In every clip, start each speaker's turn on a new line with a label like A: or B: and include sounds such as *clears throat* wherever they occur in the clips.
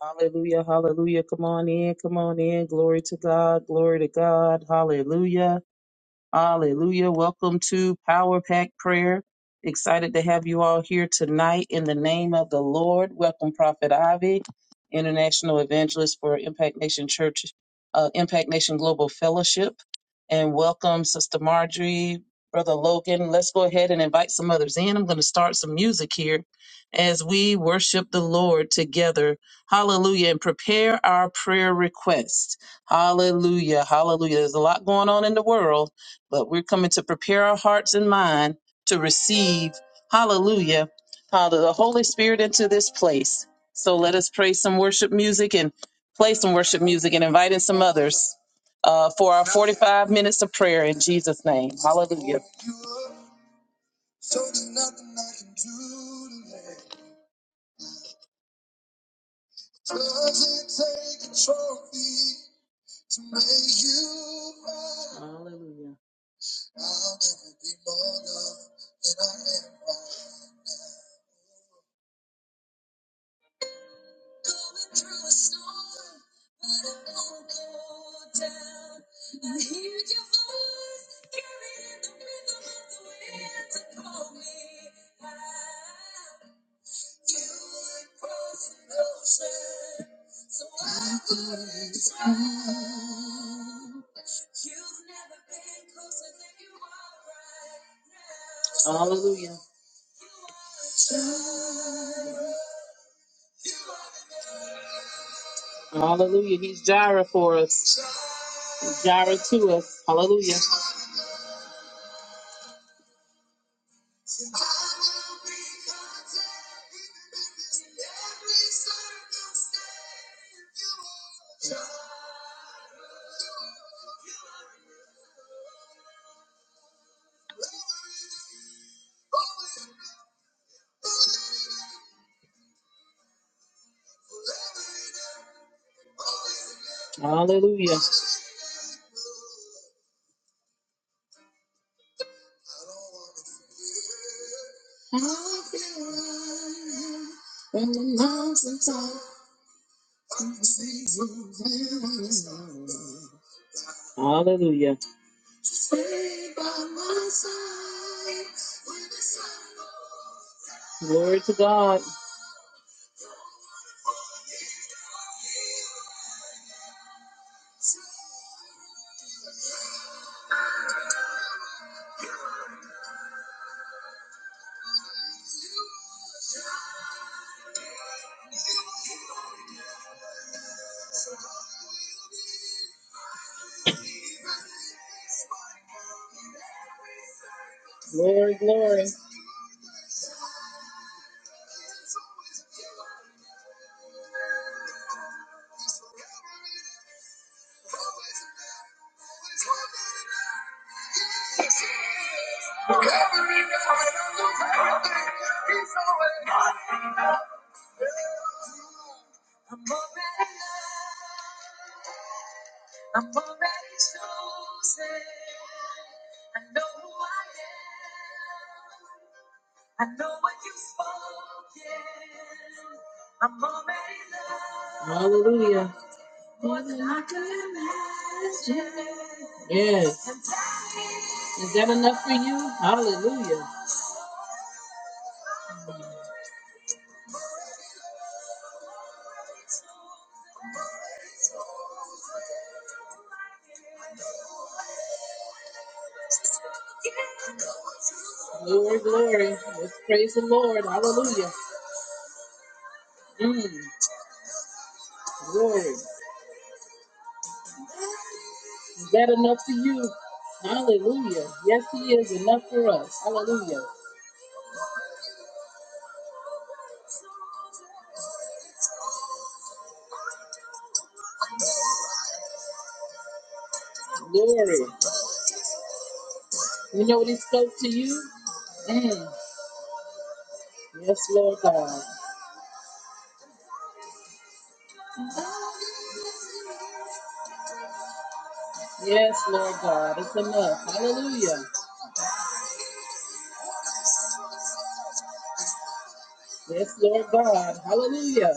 A: Hallelujah, hallelujah. Come on in, come on in. Glory to God, glory to God. Hallelujah. Hallelujah. Welcome to Power Pack Prayer. Excited to have you all here tonight in the name of the Lord. Welcome, Prophet Ivy, International Evangelist for Impact Nation Church, uh, Impact Nation Global Fellowship. And welcome, Sister Marjorie, Brother Logan. Let's go ahead and invite some others in. I'm going to start some music here as we worship the Lord together. Hallelujah. And prepare our prayer requests. Hallelujah. Hallelujah. There's a lot going on in the world but we're coming to prepare our hearts and mind to receive, hallelujah, how the Holy Spirit into this place. So let us pray some worship music and play some worship music and invite in some others uh, for our 45 minutes of prayer in Jesus' name. Hallelujah. Hallelujah. Hallelujah. Hallelujah. He's Jireh for us. He's Jireh to us. Hallelujah. Hallelujah. Hallelujah. Glory to God. Glory, glory. Hallelujah. Yes. Is that enough for you? Hallelujah. Glory, glory. Let's praise the Lord. Hallelujah. Mm, glory. Is that enough for you? Hallelujah. Yes, He is enough for us. Hallelujah. Glory. You know what he spoke to you? Mm. Yes, Lord God. Yes, Lord God. It's enough. Hallelujah. Yes, Lord God. Hallelujah.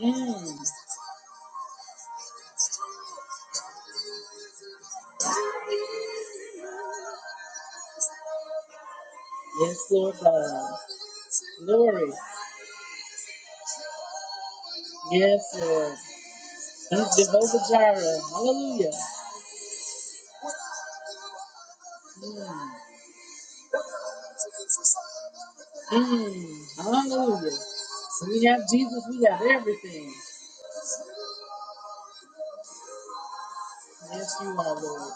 A: Mm. Yes, Lord God. Glory. Yes, Lord. He's Jehovah Jireh. Hallelujah. Mm. Mm. Hallelujah. When we have Jesus, we have everything. Yes, you are, Lord.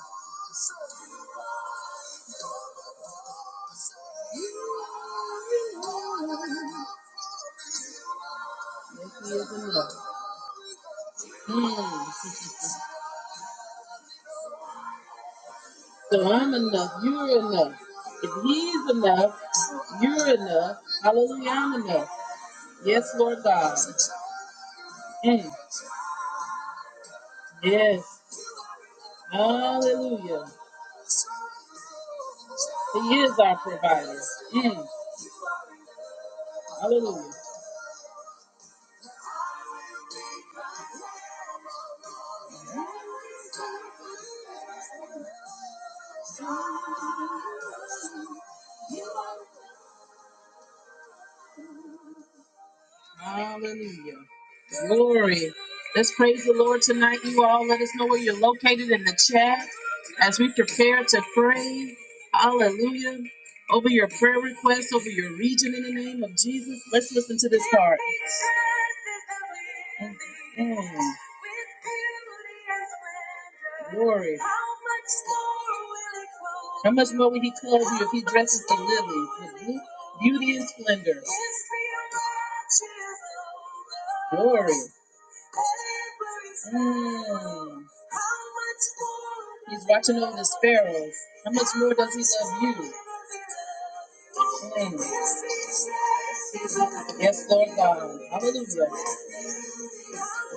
A: Yes, He is enough. Mm. So I'm enough. You're enough. If He's enough, You're enough. Hallelujah. I'm enough. Yes, Lord God. Mm. Yes. Hallelujah. He is our provider. Mm. Hallelujah. Hallelujah. Glory. Let's praise the Lord tonight, you all. Let us know where you're located in the chat as we prepare to pray. Hallelujah. Over your prayer requests, over your region in the name of Jesus. Let's listen to this part. Mm. Mm. Glory. How much more will he clothe you if he dresses the lily with beauty and splendor? Glory. Mm. He's watching over the sparrows. How much more does he love you? Mm. Yes, Lord God. Hallelujah.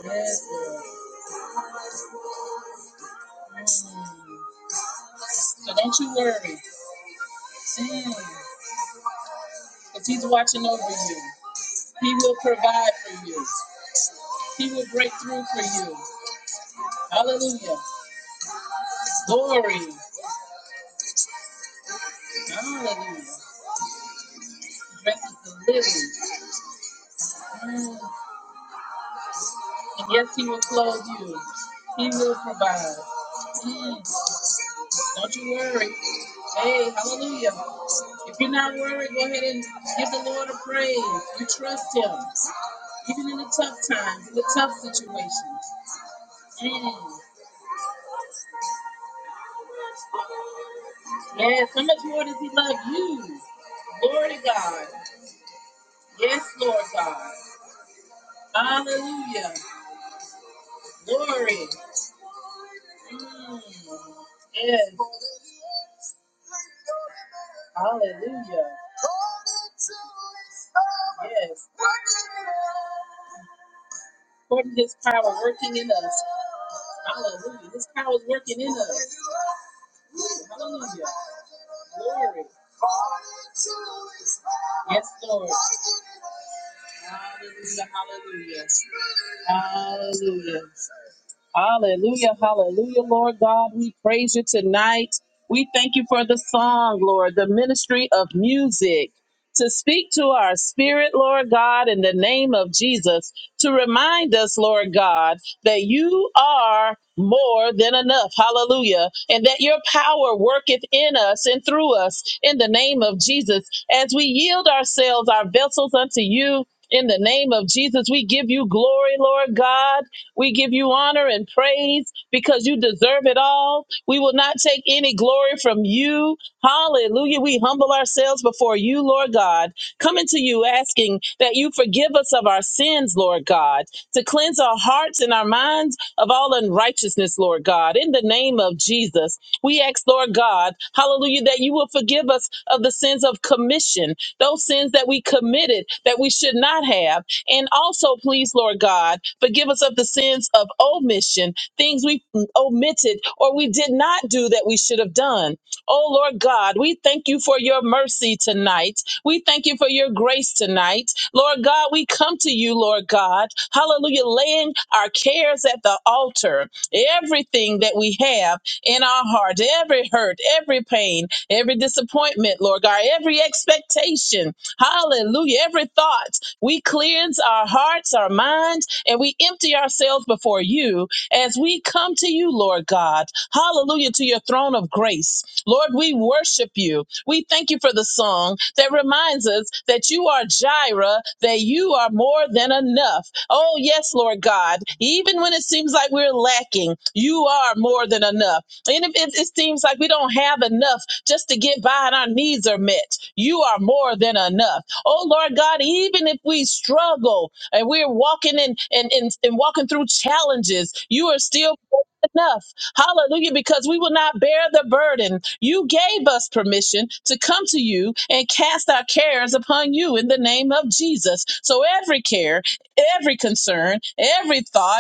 A: Yes, Lord. Mm. So don't you worry. Mm. Because he's watching over you. He will provide for you. He will break through for you. Hallelujah. glory. Hallelujah. Dresses the living. Mm. And yes, he will clothe you. He will provide. Mm. Don't you worry. Hey, hallelujah. If you're not worried, go ahead and give the Lord a praise. You trust him. Even in the tough times, in the tough situations. Mm. Yes, how much more does he love you? Glory to God. Yes, Lord God. Hallelujah. Glory. Yes. Hallelujah. Yes. According to his power working in us. Hallelujah. His power is working in us. Hallelujah. Glory. Yes, Lord. Hallelujah. Hallelujah. Hallelujah. Hallelujah, hallelujah, Lord God. We praise you tonight. We thank you for the song, Lord, the ministry of music. To speak to our spirit, Lord God, in the name of Jesus, to remind us, Lord God, that you are more than enough. Hallelujah. And that your power worketh in us and through us in the name of Jesus. As we yield ourselves, our vessels unto you, in the name of Jesus, we give you glory, Lord God. We give you honor and praise because you deserve it all. We will not take any glory from you. Hallelujah. We humble ourselves before you, Lord God coming to you asking that you forgive us of our sins, Lord God, to cleanse our hearts and our minds of all unrighteousness, Lord God. In the name of Jesus, we ask, Lord God, hallelujah, that you will forgive us of the sins of commission, those sins that we committed that we should not have. And also, please, Lord God, forgive us of the sins of omission, things we omitted or we did not do that we should have done. Oh Lord God, we thank you for your mercy tonight. We thank you for your grace tonight. Lord God, we come to you, Lord God. Hallelujah, laying our cares at the altar. Everything that we have in our heart, every hurt, every pain, every disappointment, Lord God, every expectation. Hallelujah. Every thought, we cleanse our hearts, our minds, and we empty ourselves before you as we come to you, Lord God. Hallelujah to your throne of grace. Lord, we worship you. We thank you for the song that reminds us that you are Jireh, that you are more than enough. Oh, yes, Lord God. Even when it seems like we're lacking, you are more than enough. And if if it seems like we don't have enough just to get by and our needs are met, you are more than enough. Oh, Lord God, even if we struggle and we're walking in and, and, and walking through challenges, you are still more than enough. Hallelujah. Because we will not bear the burden. You gave us permission to come to you and cast our cares upon you in the name of Jesus. So every care, every concern, every thought,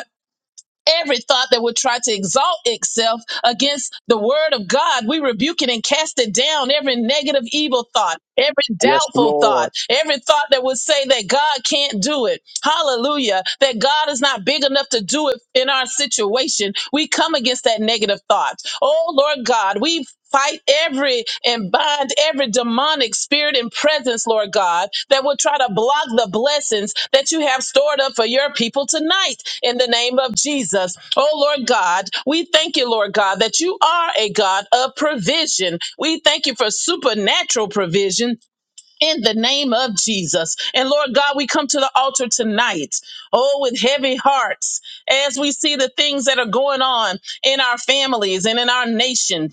A: Every thought that would try to exalt itself against the word of God, we rebuke it and cast it down. Every negative, evil thought, every
B: Yes,
A: doubtful thought,
B: Lord.
A: every thought that would say that God can't do it. Hallelujah. That God is not big enough to do it in our situation. We come against that negative thought. Oh, Lord God, we Fight every and bind every demonic spirit and presence, Lord God, that will try to block the blessings that you have stored up for your people tonight in the name of Jesus. Oh, Lord God, we thank you, Lord God, that you are a God of provision. We thank you for supernatural provision. In the name of Jesus. And Lord God, we come to the altar tonight, oh, with heavy hearts, as we see the things that are going on in our families and in our nation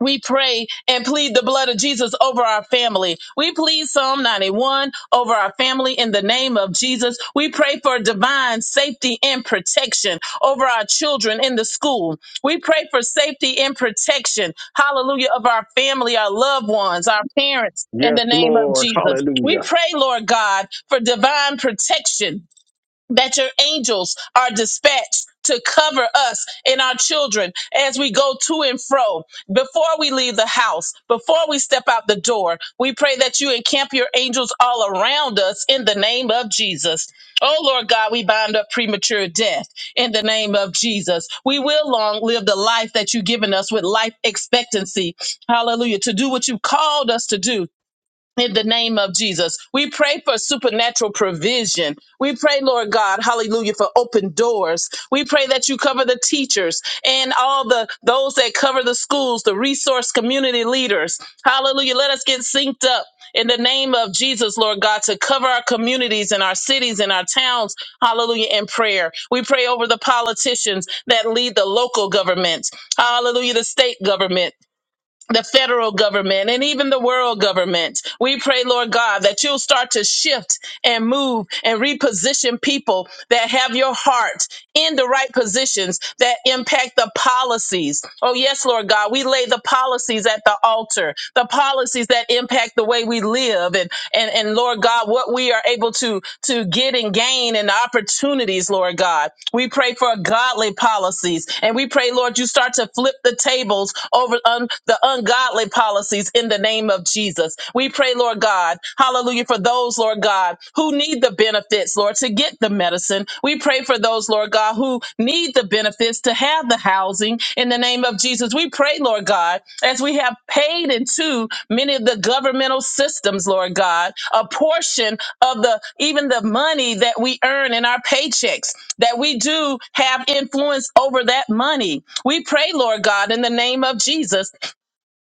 A: we pray and plead the blood of Jesus over our family. We plead Psalm 91 over our family in the name of Jesus. We pray for divine safety and protection over our children in the school. We pray for safety and protection, hallelujah, of our family, our loved ones, our parents in
B: Yes,
A: the name of
B: Lord.
A: Jesus. We
B: Hallelujah.
A: pray, Lord God, for divine protection that your angels are dispatched to cover us and our children as we go to and fro. Before we leave the house, before we step out the door, we pray that you encamp your angels all around us in the name of Jesus. Oh Lord God, we bind up premature death in the name of Jesus. We will long live the life that you've given us with life expectancy. Hallelujah. To do what you called us to do in the name of Jesus. We pray for supernatural provision. We pray, Lord God, hallelujah, for open doors. We pray that you cover the teachers and all the those that cover the schools, the resource community leaders. Hallelujah. Let us get synced up in the name of Jesus, Lord God, to cover our communities and our cities and our towns. Hallelujah. In prayer. We pray over the politicians that lead the local government. Hallelujah. The state government the federal government and even the world government. We pray, Lord God, that you'll start to shift and move and reposition people that have your heart in the right positions that impact the policies. Oh, yes, Lord God, we lay the policies at the altar, the policies that impact the way we live and, and, and Lord God, what we are able to, to get and gain and the opportunities, Lord God. We pray for godly policies and we pray, Lord, you start to flip the tables over on the ungodly policies in the name of Jesus. We pray, Lord God, hallelujah, for those, Lord God, who need the benefits, Lord, to get the medicine. We pray for those, Lord God, who need the benefits to have the housing in the name of Jesus. We pray, Lord God, as we have paid into many of the governmental systems, Lord God, a portion of the even the money that we earn in our paychecks, that we do have influence over that money. We pray, Lord God, in the name of Jesus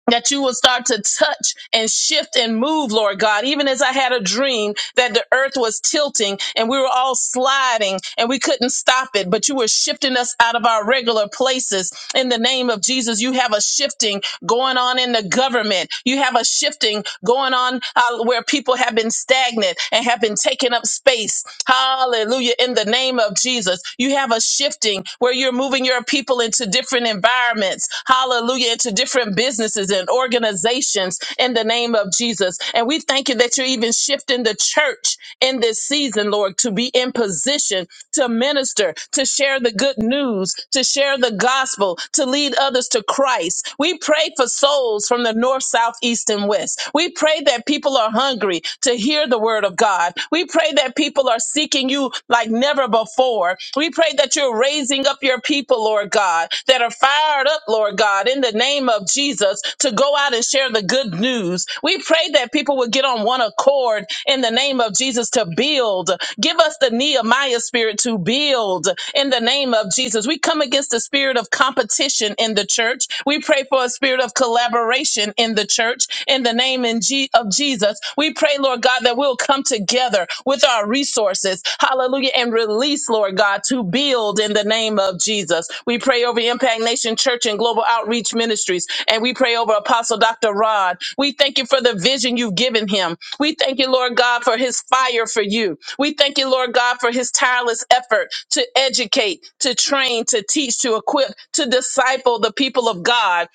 A: that you will start to touch and shift and move, Lord God. Even as I had a dream that the earth was tilting and we were all sliding and we couldn't stop it, but you were shifting us out of our regular places. In the name of Jesus, you have a shifting going on in the government. You have a shifting going on uh, where people have been stagnant and have been taking up space. Hallelujah. In the name of Jesus, you have a shifting where you're moving your your people into different environments, hallelujah, into different businesses and organizations in the name of Jesus. And we thank you that you're even shifting the church in this season, Lord, to be in position to minister, to share the good news, to share the gospel, to lead others to Christ. We pray for souls from the north, south, east, and west. We pray that people are hungry to hear the word of God. We pray that people are seeking seeking you like never before. We pray that you're raising up your people, Lord God, that are fired up, Lord God, in the name of Jesus to go out and share the good news. We pray that people would get on one accord in the name of Jesus to build. Give us the Nehemiah spirit to build in the name of Jesus. We come against the spirit of competition in the church. We pray for a spirit of collaboration in the church in the name in G- of Jesus. Jesus, we pray, Lord God, that we'll come together with our resources, hallelujah, and release, Lord God, to build in the name of Jesus. We pray over Impact Nation Church and Global Outreach Ministries, and we pray over Apostle Dr. Rod. We thank you for the vision you've given him. We thank you, Lord God, for his fire for you. We thank you, Lord God, for his tireless effort to educate, to train, to teach, to equip, to disciple the people of God.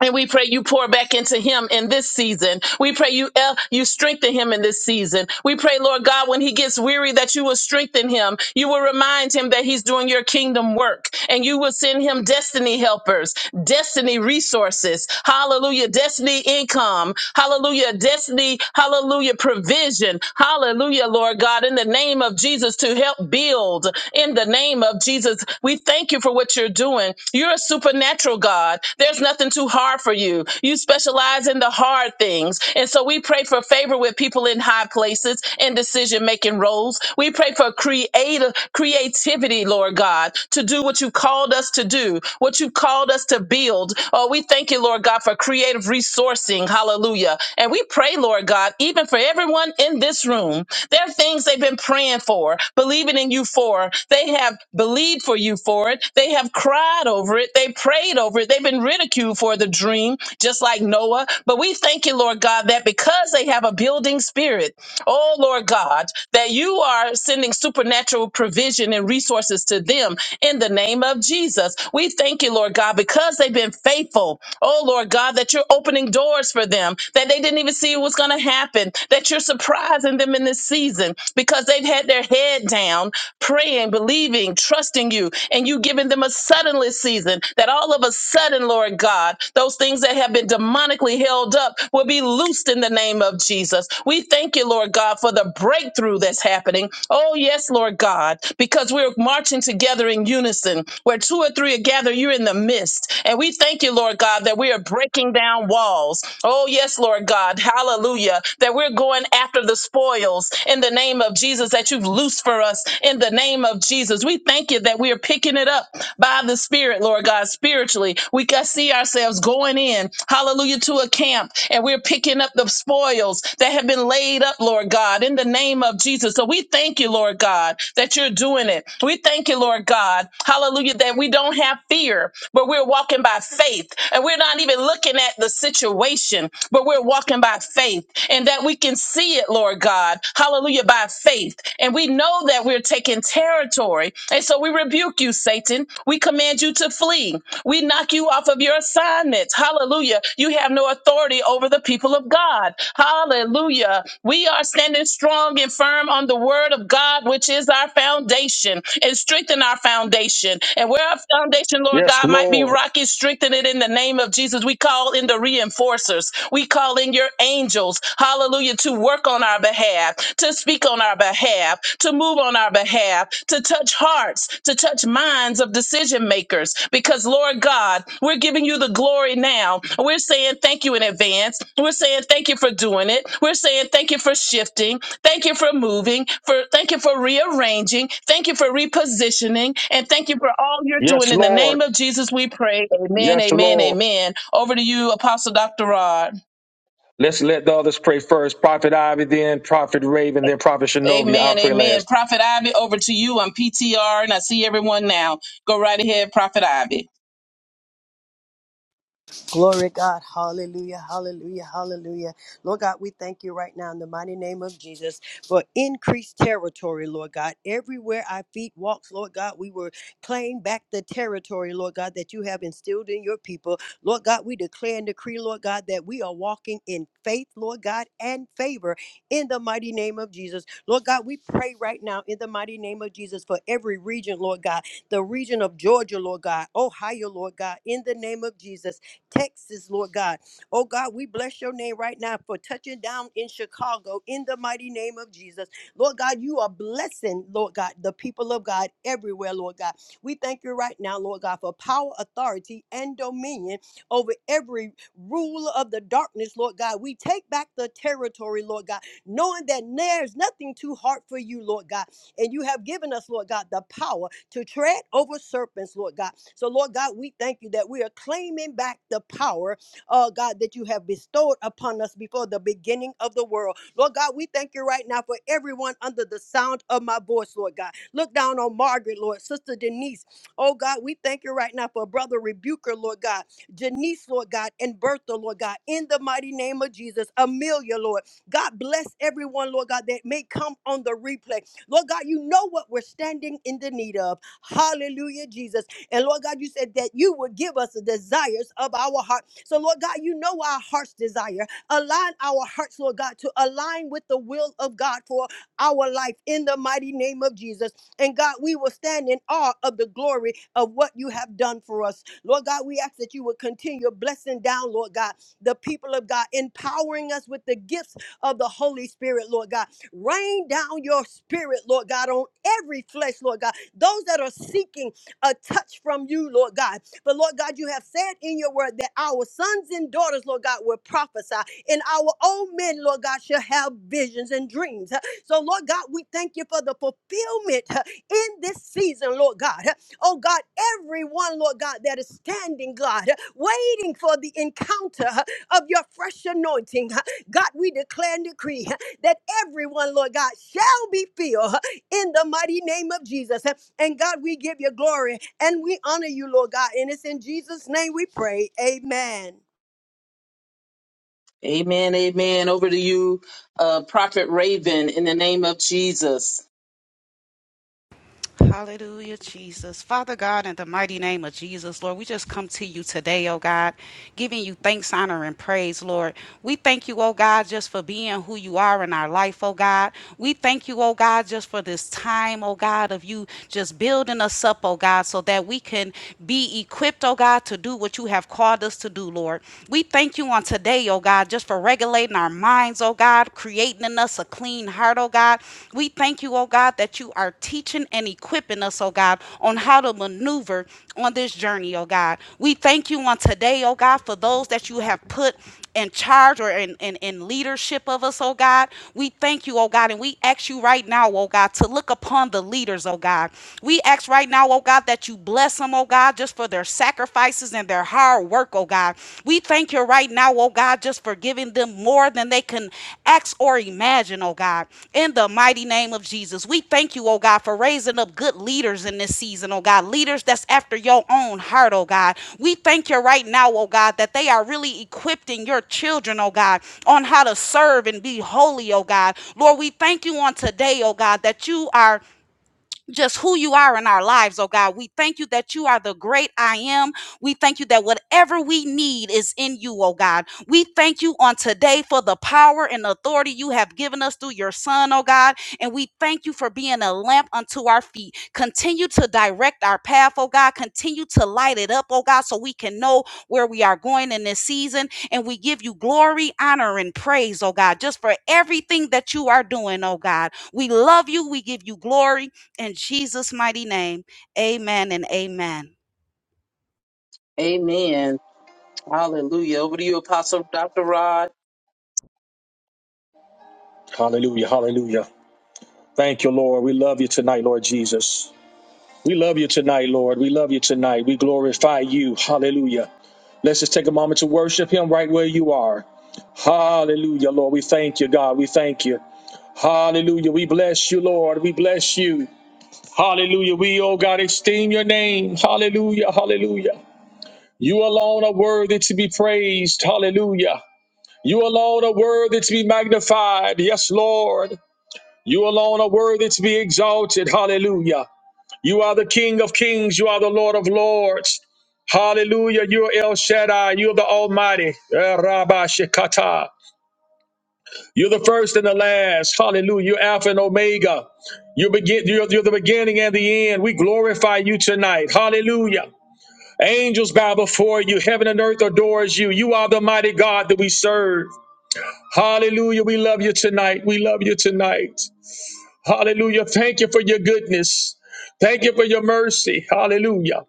A: And we pray you pour back into him in this season. We pray you el- you strengthen him in this season. We pray, Lord God, when he gets weary, that you will strengthen him. You will remind him that he's doing your kingdom work, and you will send him destiny helpers, destiny resources. Hallelujah, destiny income. Hallelujah, destiny. Hallelujah, provision. Hallelujah, Lord God, in the name of Jesus to help build. In the name of Jesus, we thank you for what you're doing. You're a supernatural God. There's nothing too hard for you. You specialize in the hard things. And so we pray for favor with people in high places and decision making roles. We pray for creative creativity, Lord God, to do what you called us to do, what you called us to build. Oh, we thank you, Lord God, for creative resourcing. Hallelujah. And we pray, Lord God, even for everyone in this room. There are things they've been praying for, believing in you for. They have believed for you for it. They have cried over it. They prayed over it. They've been ridiculed for the dream, just like Noah. But we thank you, Lord God, that because they have a building spirit, oh Lord God, that you are sending supernatural provision and resources to them in the name of Jesus. We thank you, Lord God, because they've been faithful. Oh Lord God, that you're opening doors for them that they didn't even see was going to happen, that that you're surprising them in this season because they've had their head down, praying, believing, trusting you, and you giving them a suddenly season that all of a sudden, Lord God, those things that have been demonically held up will be loosed in the name of Jesus. We thank you, Lord God, for the breakthrough that's happening. Oh, yes, Lord God, because we're marching together in unison. Where two or three are gathered, you're in the midst. And we thank you, Lord God, that we are breaking down walls. Oh, yes, Lord God. Hallelujah. That we're going after the spoils in the name of Jesus that you've loosed for us in the name of Jesus. We thank you that we are picking it up by the Spirit, Lord God, spiritually. We can see ourselves going in, hallelujah, to a camp and we're picking up the spoils that have been laid up, Lord God, in the name of Jesus. So we thank you, Lord God, that you're doing it. We thank you, Lord God, hallelujah, that we don't have fear fear, but we're walking by faith. And we're not even looking at the situation, but we're walking by faith. And that we can see it, Lord God. Hallelujah, by faith. And we know that we're taking territory. And so we rebuke you, Satan. We command you to flee. We knock you off of your assignments. Hallelujah. You have no authority over the people of God. Hallelujah. We are standing strong and firm on the word of God, which is our foundation foundation and strengthen our foundation. And where our foundation, Lord
B: Yes,
A: God, might be
B: Lord.
A: rocky, strengthen it in the name of Jesus. We call in the reinforcers. We call in your angels, hallelujah, to work on our behalf, to speak on our behalf, to move on our behalf, to touch hearts, to touch minds of decision makers. Because, Lord God, we're giving you the glory now. We're saying thank you in advance. We're saying thank you for doing it. We're saying thank you for shifting. Thank you for moving, for thank you for rearranging, thank you for repositioning, and thank you for all you're doing.
B: Yes,
A: In the
B: Lord.
A: name of Jesus, we pray. Amen,
B: Yes,
A: amen,
B: Lord.
A: amen. Over to you, Apostle Dr. Rod.
B: Let's let the others pray first. Prophet Ivy, then Prophet Raven, then Prophet Shinovia. I
A: Amen,
B: pray
A: amen.
B: last.
A: Prophet Ivy, over to you on PTR, and I see everyone now. Go right ahead, Prophet Ivy.
C: Glory God. Hallelujah. Hallelujah. Hallelujah. Lord God, we thank you right now in the mighty name of Jesus for increased territory, Lord God. Everywhere our feet walks, Lord God, we will claim back the territory, Lord God, that you have instilled in your people. Lord God, we declare and decree, Lord God, that we are walking in faith, Lord God, and favor in the mighty name of Jesus. Lord God, we pray right now in the mighty name of Jesus for every region, Lord God, the region of Georgia, Lord God, Ohio, Lord God, in the name of Jesus. Texas, Lord God. Oh God, we bless your name right now for touching down in Chicago in the mighty name of Jesus. Lord God, you are blessing, Lord God, the people of God everywhere, Lord God. We thank you right now, Lord God, for power, authority, and dominion over every ruler of the darkness, Lord God. We take back the territory, Lord God, knowing that there's nothing too hard for you, Lord God. And you have given us, Lord God, the power to tread over serpents, Lord God. So, Lord God, we thank you that we are claiming back the power, uh, God, that you have bestowed upon us before the beginning of the world. Lord God, we thank you right now for everyone under the sound of my voice, Lord God. Look down on Margaret, Lord, Sister Denise. Oh, God, we thank you right now for Brother Rebuker, Lord God, Janice, Lord God, and Bertha, Lord God, in the mighty name of Jesus, Amelia, Lord. God bless everyone, Lord God, that may come on the replay. Lord God, you know what we're standing in the need of. Hallelujah, Jesus. And Lord God, you said that you would give us the desires of our heart. So, Lord God, you know our heart's desire. Align our hearts, Lord God, to align with the will of God for our life in the mighty name of Jesus. And God, we will stand in awe of the glory of what you have done for us. Lord God, we ask that you would continue blessing down, Lord God, the people of God, empowering us with the gifts of the Holy Spirit, Lord God. Rain down your spirit, Lord God, on every flesh, Lord God those that are seeking a touch from you, Lord God. But Lord God, you have said in your word that our sons and daughters, Lord God, will prophesy, and our old men, Lord God, shall have visions and dreams. So, Lord God, we thank you for the fulfillment huh, in this season, Lord God. huh. Oh God, everyone, Lord God, that is standing, God, huh, waiting for the encounter huh, of your fresh anointing. huh. God, we declare and decree huh, that everyone, Lord God, shall be filled. huh, in the mighty name of Jesus. And God, we give you glory and we honor you, Lord God. And it's in Jesus' name we pray. Amen.
A: Amen, amen. Over to you, uh, Prophet Raven, in the name of Jesus.
D: Hallelujah, Jesus. Father God, in the mighty name of Jesus, Lord, we just come to you today, oh God, giving you thanks, honor, and praise, Lord. We thank you, oh God, just for being who you are in our life, oh God. We thank you, oh God, just for this time, oh God, of you just building us up, oh God, so that we can be equipped, oh God, to do what you have called us to do, Lord. We thank you on today, oh God, just for regulating our minds, oh oh God, creating in us a clean heart, oh God. We thank you, oh God, that you are teaching and equipping us, oh God, on how to maneuver on this journey, oh God. We thank you on today, oh God, for those that you have put in charge or in, in, in leadership of us, oh God. We thank you, oh God, and we ask you right now, oh God, to look upon the leaders, oh God. We ask right now, oh God, that you bless them, oh God, just for their sacrifices choices and their hard work, oh God. We thank you right now, oh God, just for giving them more than they can ask or imagine, oh God. In the mighty name of Jesus, we thank you, oh God, for raising up good leaders in this season, oh God. Leaders that's after your own heart, oh God. We thank you right now, oh God, that they are really equipping your children, oh God, on how to serve and be holy, oh God. Lord, we thank you on today, oh God, that you are just who you are in our lives, oh God. We thank you that you are the great I am. We thank you that whatever we need is in you, oh God. We thank you on today for the power and authority you have given us through your Son, oh God. And we thank you for being a lamp unto our feet. Continue to direct our path, oh God. Continue to light it up, oh God, so we can know where we are going in this season. And we give you glory, honor, and praise, oh God, just for everything that you are doing, oh God. We love you. We give you glory. In Jesus' mighty name, amen and amen.
A: Amen. Hallelujah. Over to you, Apostle Dr. Rod.
B: Hallelujah. Hallelujah. Thank you, Lord. We love you tonight, Lord Jesus. We love you tonight, Lord. We love you tonight. We glorify you. Hallelujah. Let's just take a moment to worship him right where you are. Hallelujah, Lord. We thank you, God. We thank you. Hallelujah. We bless you, Lord. We bless you. Hallelujah. We, oh God, esteem your name. Hallelujah. Hallelujah. You alone are worthy to be praised. Hallelujah. You alone are worthy to be magnified. Yes, Lord. You alone are worthy to be exalted. Hallelujah. You are the King of kings. You are the Lord of lords. Hallelujah. You are El Shaddai. You are the Almighty. Eh, Rabba Shekata. You're the first and the last. Hallelujah. You're Alpha and Omega. You begin, you're, you're the beginning and the end. We glorify you tonight. Hallelujah. Angels bow before you. Heaven and earth adores you. You are the mighty God that we serve. Hallelujah. We love you tonight. We love you tonight. Hallelujah. Thank you for your goodness. Thank you for your mercy. Hallelujah.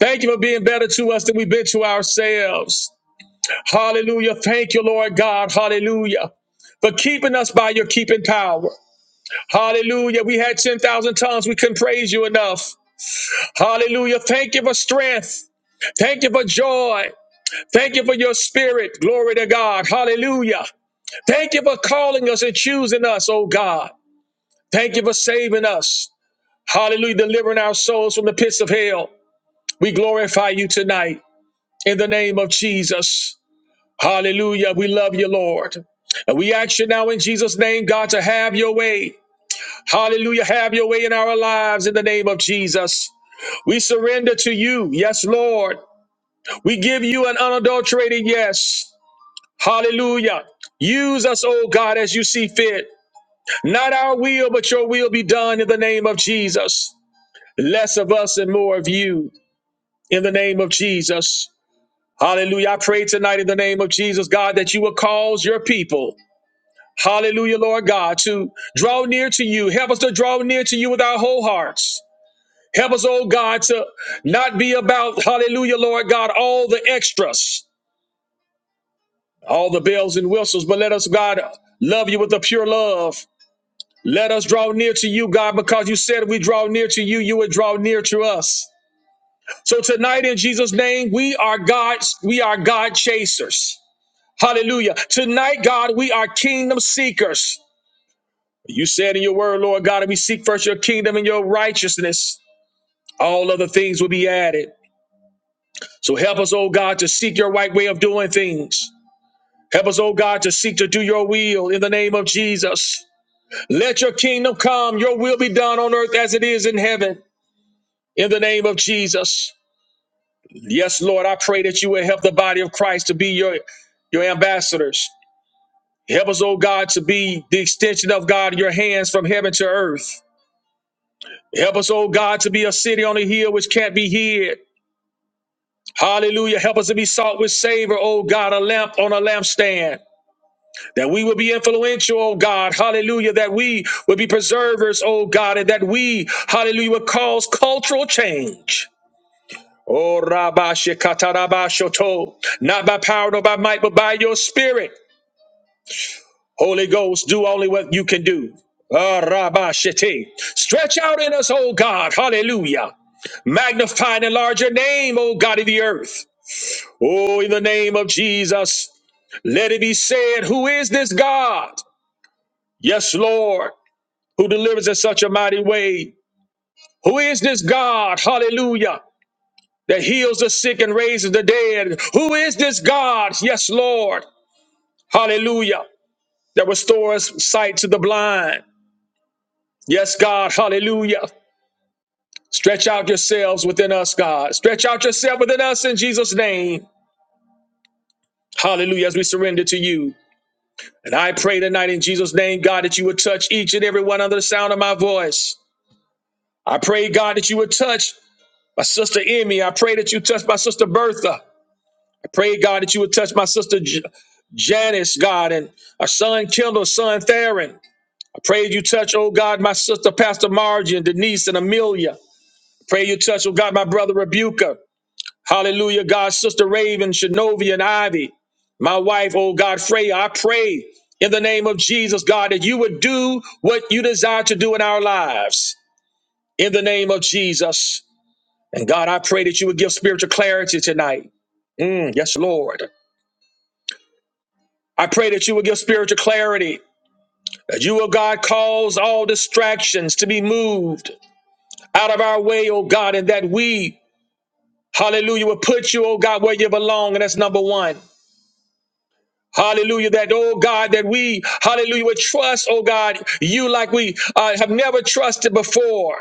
B: Thank you for being better to us than we've been to ourselves. Hallelujah. Thank you, Lord God. Hallelujah. For keeping us by your keeping power. Hallelujah. We had 10,000 tongues. We couldn't praise you enough. Hallelujah. Thank you for strength. Thank you for joy. Thank you for your spirit. Glory to God. Hallelujah. Thank you for calling us and choosing us, oh God. Thank you for saving us. Hallelujah. Delivering our souls from the pits of hell. We glorify you tonight in the name of Jesus. Hallelujah. We love you, Lord. And we ask you now in Jesus' name, God, to have your way. Hallelujah. Have your way in our lives in the name of Jesus. We surrender to you. Yes, Lord. We give you an unadulterated yes. Hallelujah. Use us, oh God, as you see fit. Not our will, but your will be done in the name of Jesus. Less of us and more of you in the name of Jesus. Hallelujah. I pray tonight in the name of Jesus, God, that you will cause your people Hallelujah, Lord God, to draw near to you. Help us to draw near to you with our whole hearts. Help us, oh God, to not be about, hallelujah, Lord God, all the extras, all the bells and whistles, but let us, God, love you with a pure love. Let us draw near to you, God, because you said if we draw near to you, you would draw near to us. So tonight, in Jesus' name, we are God's, we are God chasers. Hallelujah. Tonight, God, we are kingdom seekers. You said in your word, Lord God, if we seek first your kingdom and your righteousness, all other things will be added. So help us, oh God, to seek your right way of doing things. Help us, oh God, to seek to do your will in the name of Jesus. Let your kingdom come, your will be done on earth as it is in heaven. In the name of Jesus. Yes, Lord, I pray that you will help the body of Christ to be your, your ambassadors. Help us, oh God, to be the extension of God in your hands from heaven to earth. Help us, oh God, to be a city on a hill which can't be hid. Hallelujah. Help us to be salt with savor, oh God, a lamp on a lampstand. That we will be influential, oh God. Hallelujah. That we will be preservers, oh God, and that we, hallelujah, will cause cultural change. Oh Rabba Shekatarabba Shoto. Not by power nor by might, but by your spirit. Holy Ghost, do only what you can do. Ah, Rabba Shete. Stretch out in us, O God. Hallelujah. Magnify and enlarge your name, O God of the earth. Oh, in the name of Jesus, let it be said, Who is this God? Yes, Lord, who delivers in such a mighty way. Who is this God? Hallelujah. That heals the sick and raises the dead. Who is this God? Yes, Lord. Hallelujah. That restores sight to the blind. Yes, God. Hallelujah. Stretch out yourselves within us, God. Stretch out yourself within us in Jesus' name. Hallelujah. As we surrender to you. And I pray tonight in Jesus' name, God, that you would touch each and every one under the sound of my voice. I pray, God, that you would touch my sister Emmy. I pray that you touch my sister Bertha. I pray, God, that you would touch my sister J- Janice, God, and our son Kendall, son Theron. I pray you touch, oh God, my sister Pastor Margie and Denise and Amelia. I pray you touch, oh God, my brother Rebuker. Hallelujah, God, Sister Raven, Shinovia, and Ivy, my wife, oh God, Freya, I pray in the name of Jesus, God, that you would do what you desire to do in our lives in the name of Jesus. And God, I pray that you would give spiritual clarity tonight. Mm, yes, Lord. I pray that you would give spiritual clarity. That you, oh God, cause all distractions to be moved out of our way, oh God, and that we, hallelujah, will put you, oh God, where you belong. And that's number one. Hallelujah. That, oh God, that we, hallelujah, would trust, oh God, you like we uh, have never trusted before.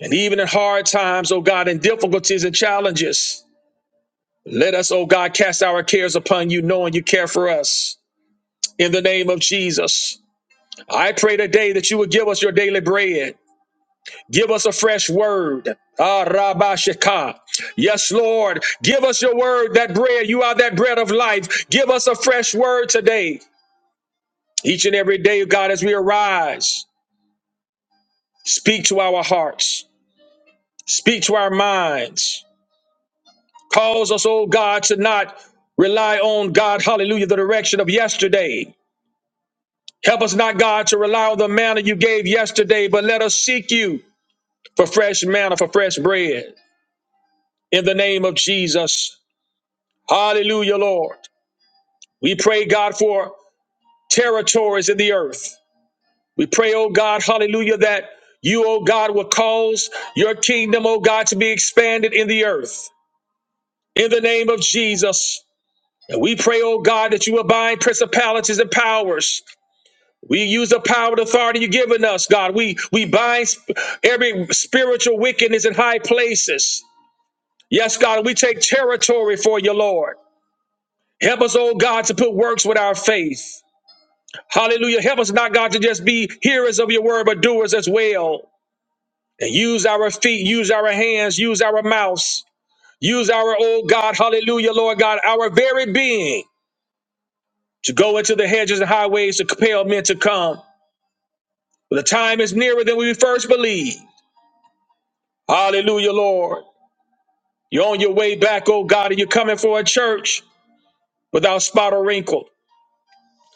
B: And even in hard times, oh God, in difficulties and challenges, let us, oh God, cast our cares upon you, knowing you care for us. In the name of Jesus, I pray today that you would give us your daily bread. Give us a fresh word. Ah, Rabba Shekah. Yes, Lord. Give us your word, that bread. You are that bread of life. Give us a fresh word today. Each and every day, God, as we arise, speak to our hearts, speak to our minds. Cause us, oh God, to not rely on God, hallelujah, the direction of yesterday. Help us not, God, to rely on the manna you gave yesterday, but let us seek you for fresh manna, for fresh bread. In the name of Jesus. Hallelujah, Lord. We pray, God, for territories in the earth. We pray, oh God, hallelujah, that you, oh God, will cause your kingdom, oh God, to be expanded in the earth. In the name of Jesus. And we pray, oh God, that you will bind principalities and powers. We use the power and authority you've given us, God. We we bind sp- every spiritual wickedness in high places. Yes, God, we take territory for you, Lord. Help us, oh God, to put works with our faith. Hallelujah. Help us not, God, to just be hearers of your word, but doers as well. and use our feet, use our hands, use our mouths, use our, oh God, hallelujah, Lord God, our very being to go into the hedges and highways to compel men to come. For the time is nearer than we first believed. Hallelujah, Lord. You're on your way back, oh God, and you're coming for a church without spot or wrinkle.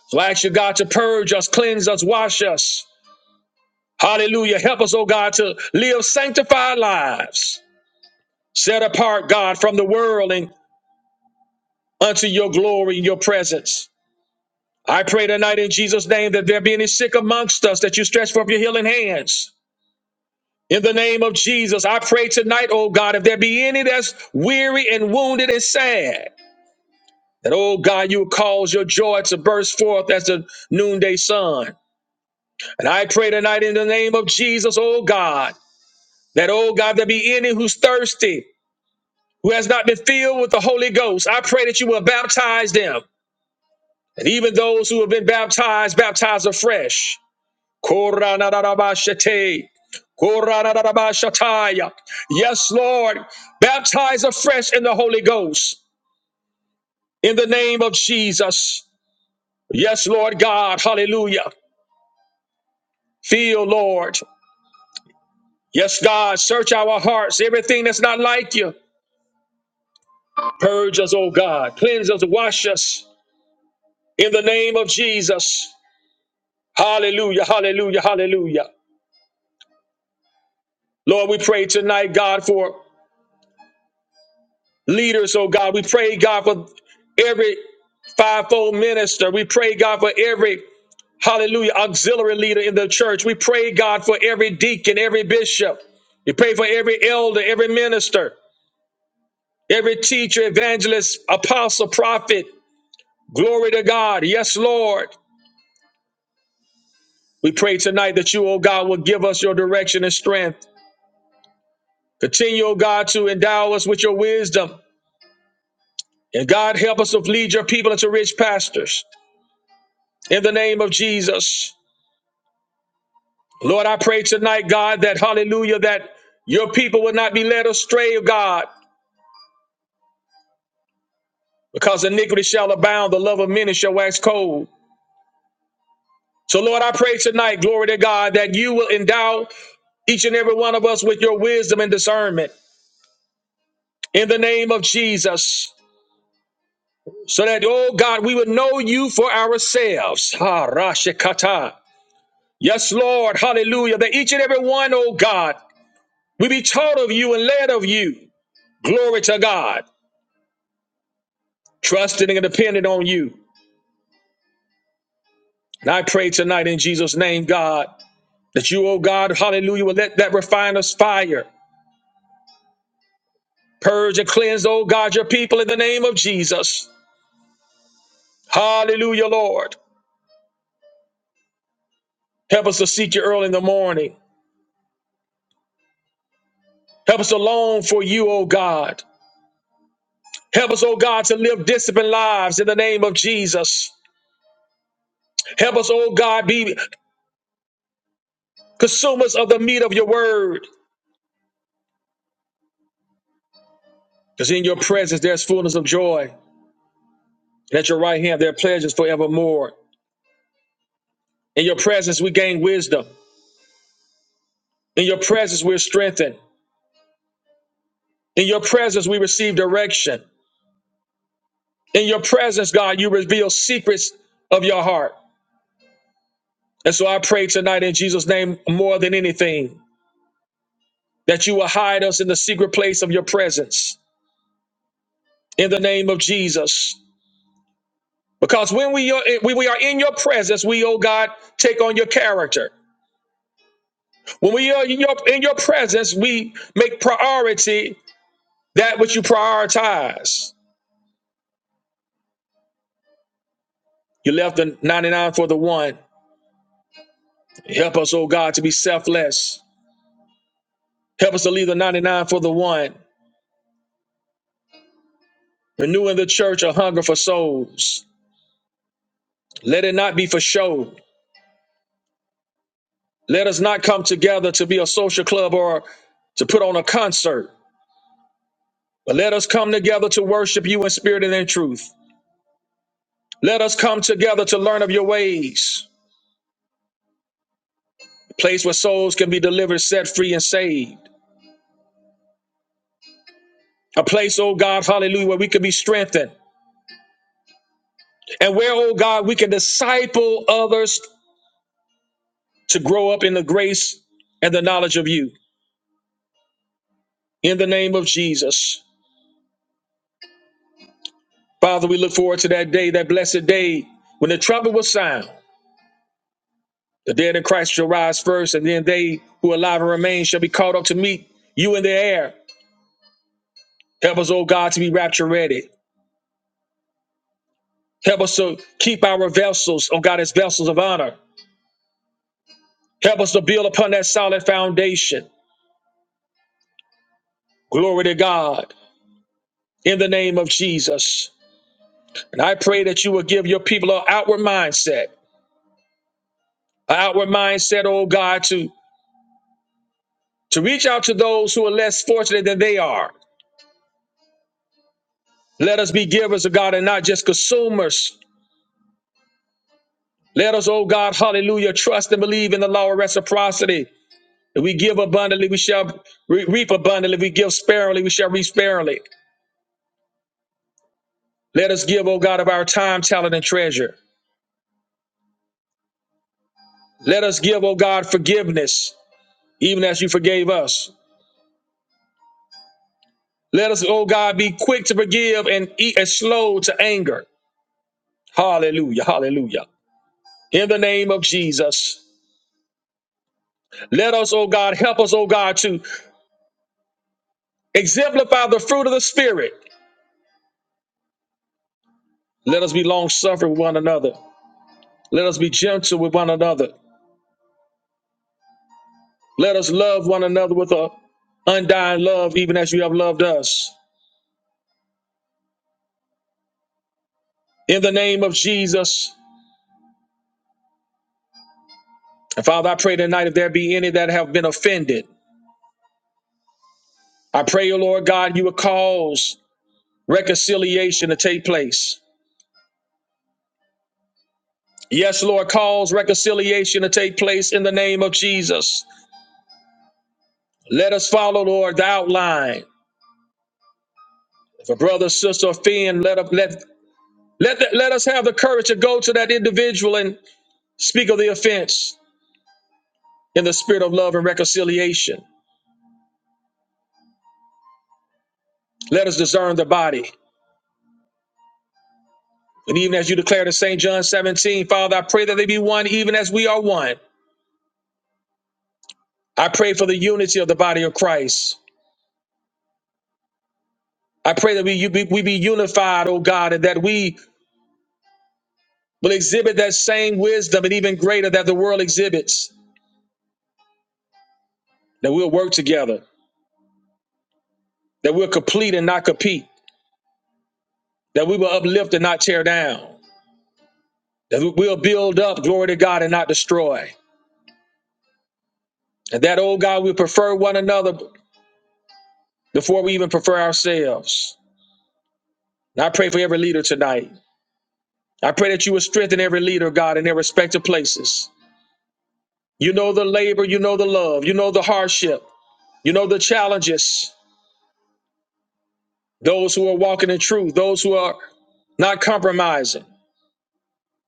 B: So I ask you, God, to purge us, cleanse us, wash us. Hallelujah. Help us, oh God, to live sanctified lives, set apart, God, from the world and unto your glory and your presence. I pray tonight in Jesus' name that there be any sick amongst us that you stretch forth your healing hands. In the name of Jesus, I pray tonight, oh God, if there be any that's weary and wounded and sad, that, oh God, you will cause your joy to burst forth as the noonday sun. And I pray tonight in the name of Jesus, oh God, that, oh God, there be any who's thirsty, who has not been filled with the Holy Ghost. I pray that you will baptize them. And even those who have been baptized, baptize afresh. Koranarabashate. Koranarabashataya. Yes, Lord. Baptize afresh in the Holy Ghost in the name of Jesus. Yes, Lord God. Hallelujah. Feel, Lord. Yes, God. Search our hearts. Everything that's not like you. Purge us, oh God. Cleanse us. Wash us in the name of Jesus. Hallelujah. Hallelujah. Hallelujah. Lord, we pray tonight, God, for leaders, oh God. We pray, God, for every fivefold minister. We pray, God, for every hallelujah auxiliary leader in the church. We pray, God, for every deacon, every bishop. We pray for every elder, every minister, every teacher, evangelist, apostle, prophet. Glory to God. Yes, Lord. We pray tonight that you, oh God, will give us your direction and strength. Continue, oh God, to endow us with your wisdom. And God, help us to lead your people into rich pastors. In the name of Jesus. Lord, I pray tonight, God, that hallelujah, that your people will not be led astray, God, because iniquity shall abound, the love of many shall wax cold. So, Lord, I pray tonight, glory to God, that you will endow each and every one of us with your wisdom and discernment in the name of Jesus, so that, oh God, we would know you for ourselves. Ha, Rashikata. Yes, Lord, hallelujah, that each and every one, oh God, we be taught of you and led of you. Glory to God, trusting and depending on you. And I pray tonight in Jesus' name, God, that you, oh God, hallelujah, will let that refiner's fire purge and cleanse, oh God, your people in the name of Jesus. Hallelujah, Lord. Help us to seek you early in the morning. Help us to long for you, oh God. Help us, oh God, to live disciplined lives in the name of Jesus. Help us, oh God, be consumers of the meat of your word. Because in your presence there's fullness of joy. And at your right hand there are pleasures forevermore. In your presence we gain wisdom. In your presence, we're strengthened. In your presence, we receive direction. In your presence, God, you reveal secrets of your heart. And so I pray tonight in Jesus' name more than anything that you will hide us in the secret place of your presence in the name of Jesus. Because when we are, when we are in your presence, we, oh God, take on your character. When we are in your, in your presence, we make priority that which you prioritize. You left the 99 for the one. Help us, oh God, to be selfless. Help us to leave the 99 for the one. Renew in the church a hunger for souls. Let it not be for show. Let us not come together to be a social club or to put on a concert, but let us come together to worship you in spirit and in truth. Let us come together to learn of your ways, a place where souls can be delivered, set free, and saved. A place, oh God, hallelujah, where we can be strengthened and where, oh God, we can disciple others to grow up in the grace and the knowledge of you. In the name of Jesus. Father, we look forward to that day, that blessed day when the trumpet will sound. The dead in Christ shall rise first, and then they who are alive and remain shall be caught up to meet you in the air. Help us, oh God, to be rapture ready. Help us to keep our vessels, oh God, as vessels of honor. Help us to build upon that solid foundation. Glory to God in the name of Jesus. And I pray that you will give your people an outward mindset An outward mindset, oh God, to, to reach out to those who are less fortunate than they are. Let us be givers of God and not just consumers. Let us, oh God, hallelujah, trust and believe in the law of reciprocity. If we give abundantly, we shall re- reap abundantly. If we give sparingly, we shall reap sparingly. Let us give, oh God, of our time, talent, and treasure. Let us give, oh God, forgiveness, even as you forgave us. Let us, oh God, be quick to forgive and eat and slow to anger. Hallelujah, hallelujah. in the name of Jesus. Let us, oh God, help us, oh God, to exemplify the fruit of the Spirit. Let us be long suffering with one another. Let us be gentle with one another. Let us love one another with a undying love, even as you have loved us. In the name of Jesus. And Father, I pray tonight if there be any that have been offended, I pray, O Lord God, you would cause reconciliation to take place. Yes, Lord, cause reconciliation to take place in the name of Jesus. Let us follow, Lord, the outline. If a brother, sister, or friend, let up let let the- let us have the courage to go to that individual and speak of the offense in the spirit of love and reconciliation. Let us discern the body. And even as you declared in St. John 17, Father, I pray that they be one even as we are one. I pray for the unity of the body of Christ. I pray that we, you be, we be unified, oh God, and that we will exhibit that same wisdom and even greater that the world exhibits, that we'll work together, that we'll complete and not compete that we will uplift and not tear down, that we- will build up, glory to God, and not destroy. And that, oh God, we prefer one another before we even prefer ourselves. And I pray for every leader tonight. I pray that you will strengthen every leader, God, in their respective places. You know the labor, you know the love, you know the hardship, you know the challenges, those who are walking in truth, those who are not compromising.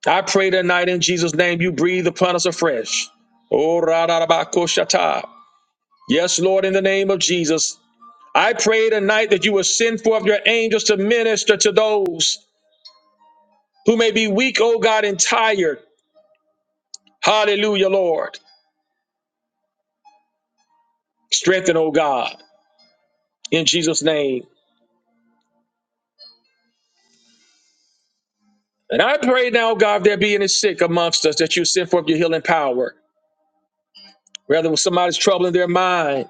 B: I pray tonight in Jesus' name you breathe upon us afresh. Oh, ra-ra-ra-ba-ko-shata. Yes, Lord, in the name of Jesus. I pray tonight that you will send forth your angels to minister to those who may be weak, oh God, and tired. Hallelujah, Lord. Strengthen, oh God, in Jesus' name. And I pray now, God, if there be any sick amongst us, that you send forth your healing power. Whether somebody's troubling their mind,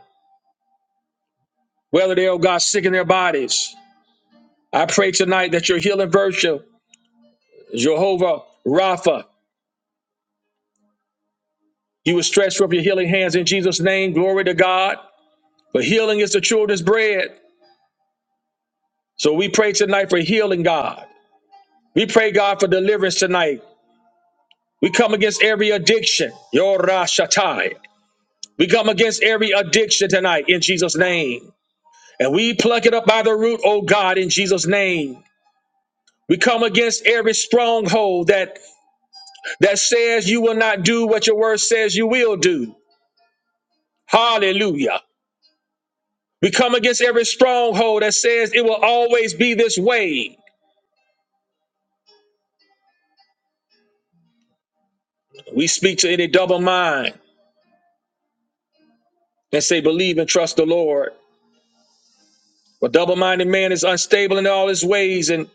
B: whether they, oh God, sick in their bodies. I pray tonight that your healing virtue, Jehovah Rapha, you will stretch forth your healing hands in Jesus' name. Glory to God. But healing is the children's bread. So we pray tonight for healing, God. We pray, God, for deliverance tonight. We come against every addiction. Yorashatai. We come against every addiction tonight in Jesus' name. And we pluck it up by the root, oh God, in Jesus' name. We come against every stronghold that that says you will not do what your word says you will do. Hallelujah. We come against every stronghold that says it will always be this way. We speak to any double mind. and say, Believe and trust the Lord. A double minded man is unstable in all his ways, and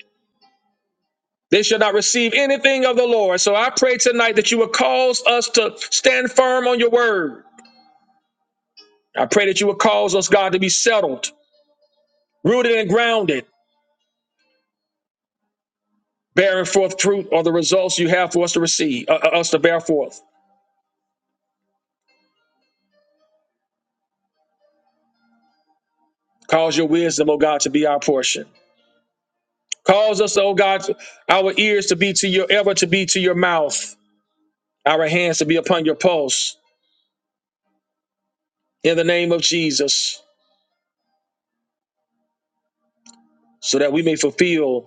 B: they shall not receive anything of the Lord. So I pray tonight that you will cause us to stand firm on your word. I pray that you will cause us, God, to be settled, rooted and grounded, bearing forth fruit or the results you have for us to receive, uh, uh, us to bear forth. Cause your wisdom, oh God, to be our portion. Cause us, oh God, our ears to be to your ever to be to your mouth, our hands to be upon your pulse. In the name of Jesus. so that we may fulfill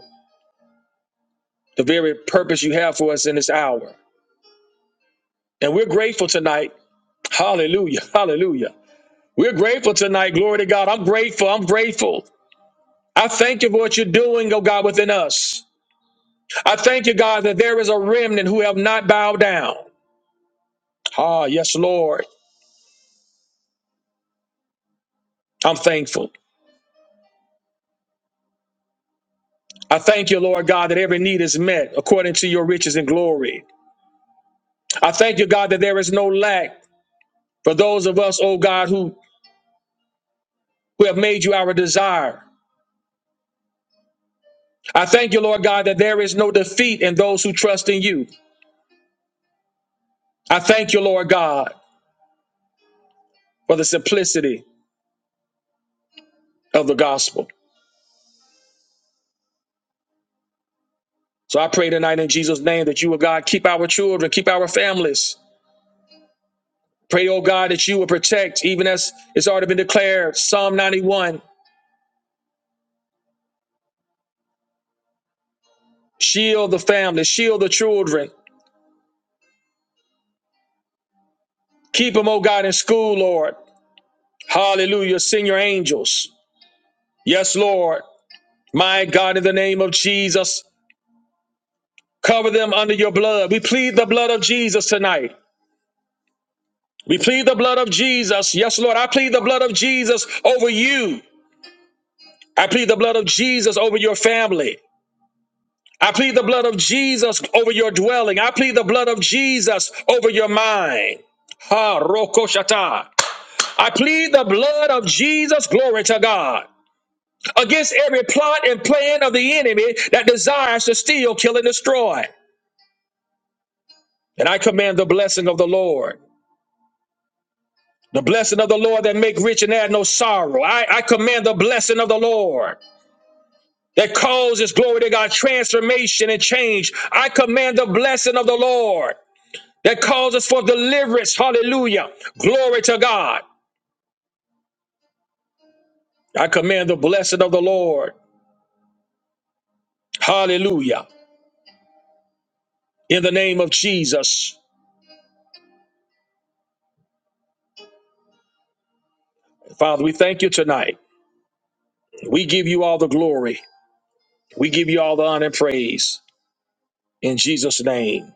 B: the very purpose you have for us in this hour. And we're grateful tonight. Hallelujah. *laughs* Hallelujah. We're grateful tonight. Glory to God. I'm grateful. I'm grateful. I thank you for what you're doing, oh God, within us. I thank you, God, that there is a remnant who have not bowed down. Ah, yes, Lord. I'm thankful. I thank you, Lord God, that every need is met according to your riches and glory. I thank you, God, that there is no lack for those of us, oh God, who, who have made you our desire. I thank you, Lord God, that there is no defeat in those who trust in you. I thank you, Lord God, for the simplicity of the gospel. So I pray tonight in Jesus' name that you O God, keep our children, keep our families. Pray, oh God, that you will protect, even as it's already been declared, Psalm 91. Shield the family, shield the children. Keep them, oh God, in school, Lord. Hallelujah. Send your angels. Yes, Lord. My God, in the name of Jesus, cover them under your blood. We plead the blood of Jesus tonight. We plead the blood of Jesus. Yes, Lord, I plead the blood of Jesus over you. I plead the blood of Jesus over your family. I plead the blood of Jesus over your dwelling. I plead the blood of Jesus over your mind. Ha, roko I plead the blood of Jesus, glory to God, against every plot and plan of the enemy that desires to steal, kill, and destroy. And I command the blessing of the Lord, the blessing of the Lord that make rich and add no sorrow. I, I command the blessing of the Lord. that causes, glory to God, transformation and change. I command the blessing of the Lord that causes for deliverance. Hallelujah. Glory to God. I command the blessing of the Lord. Hallelujah. In the name of Jesus. Father, we thank you tonight. We give you all the glory. We give you all the honor and praise. In Jesus' name.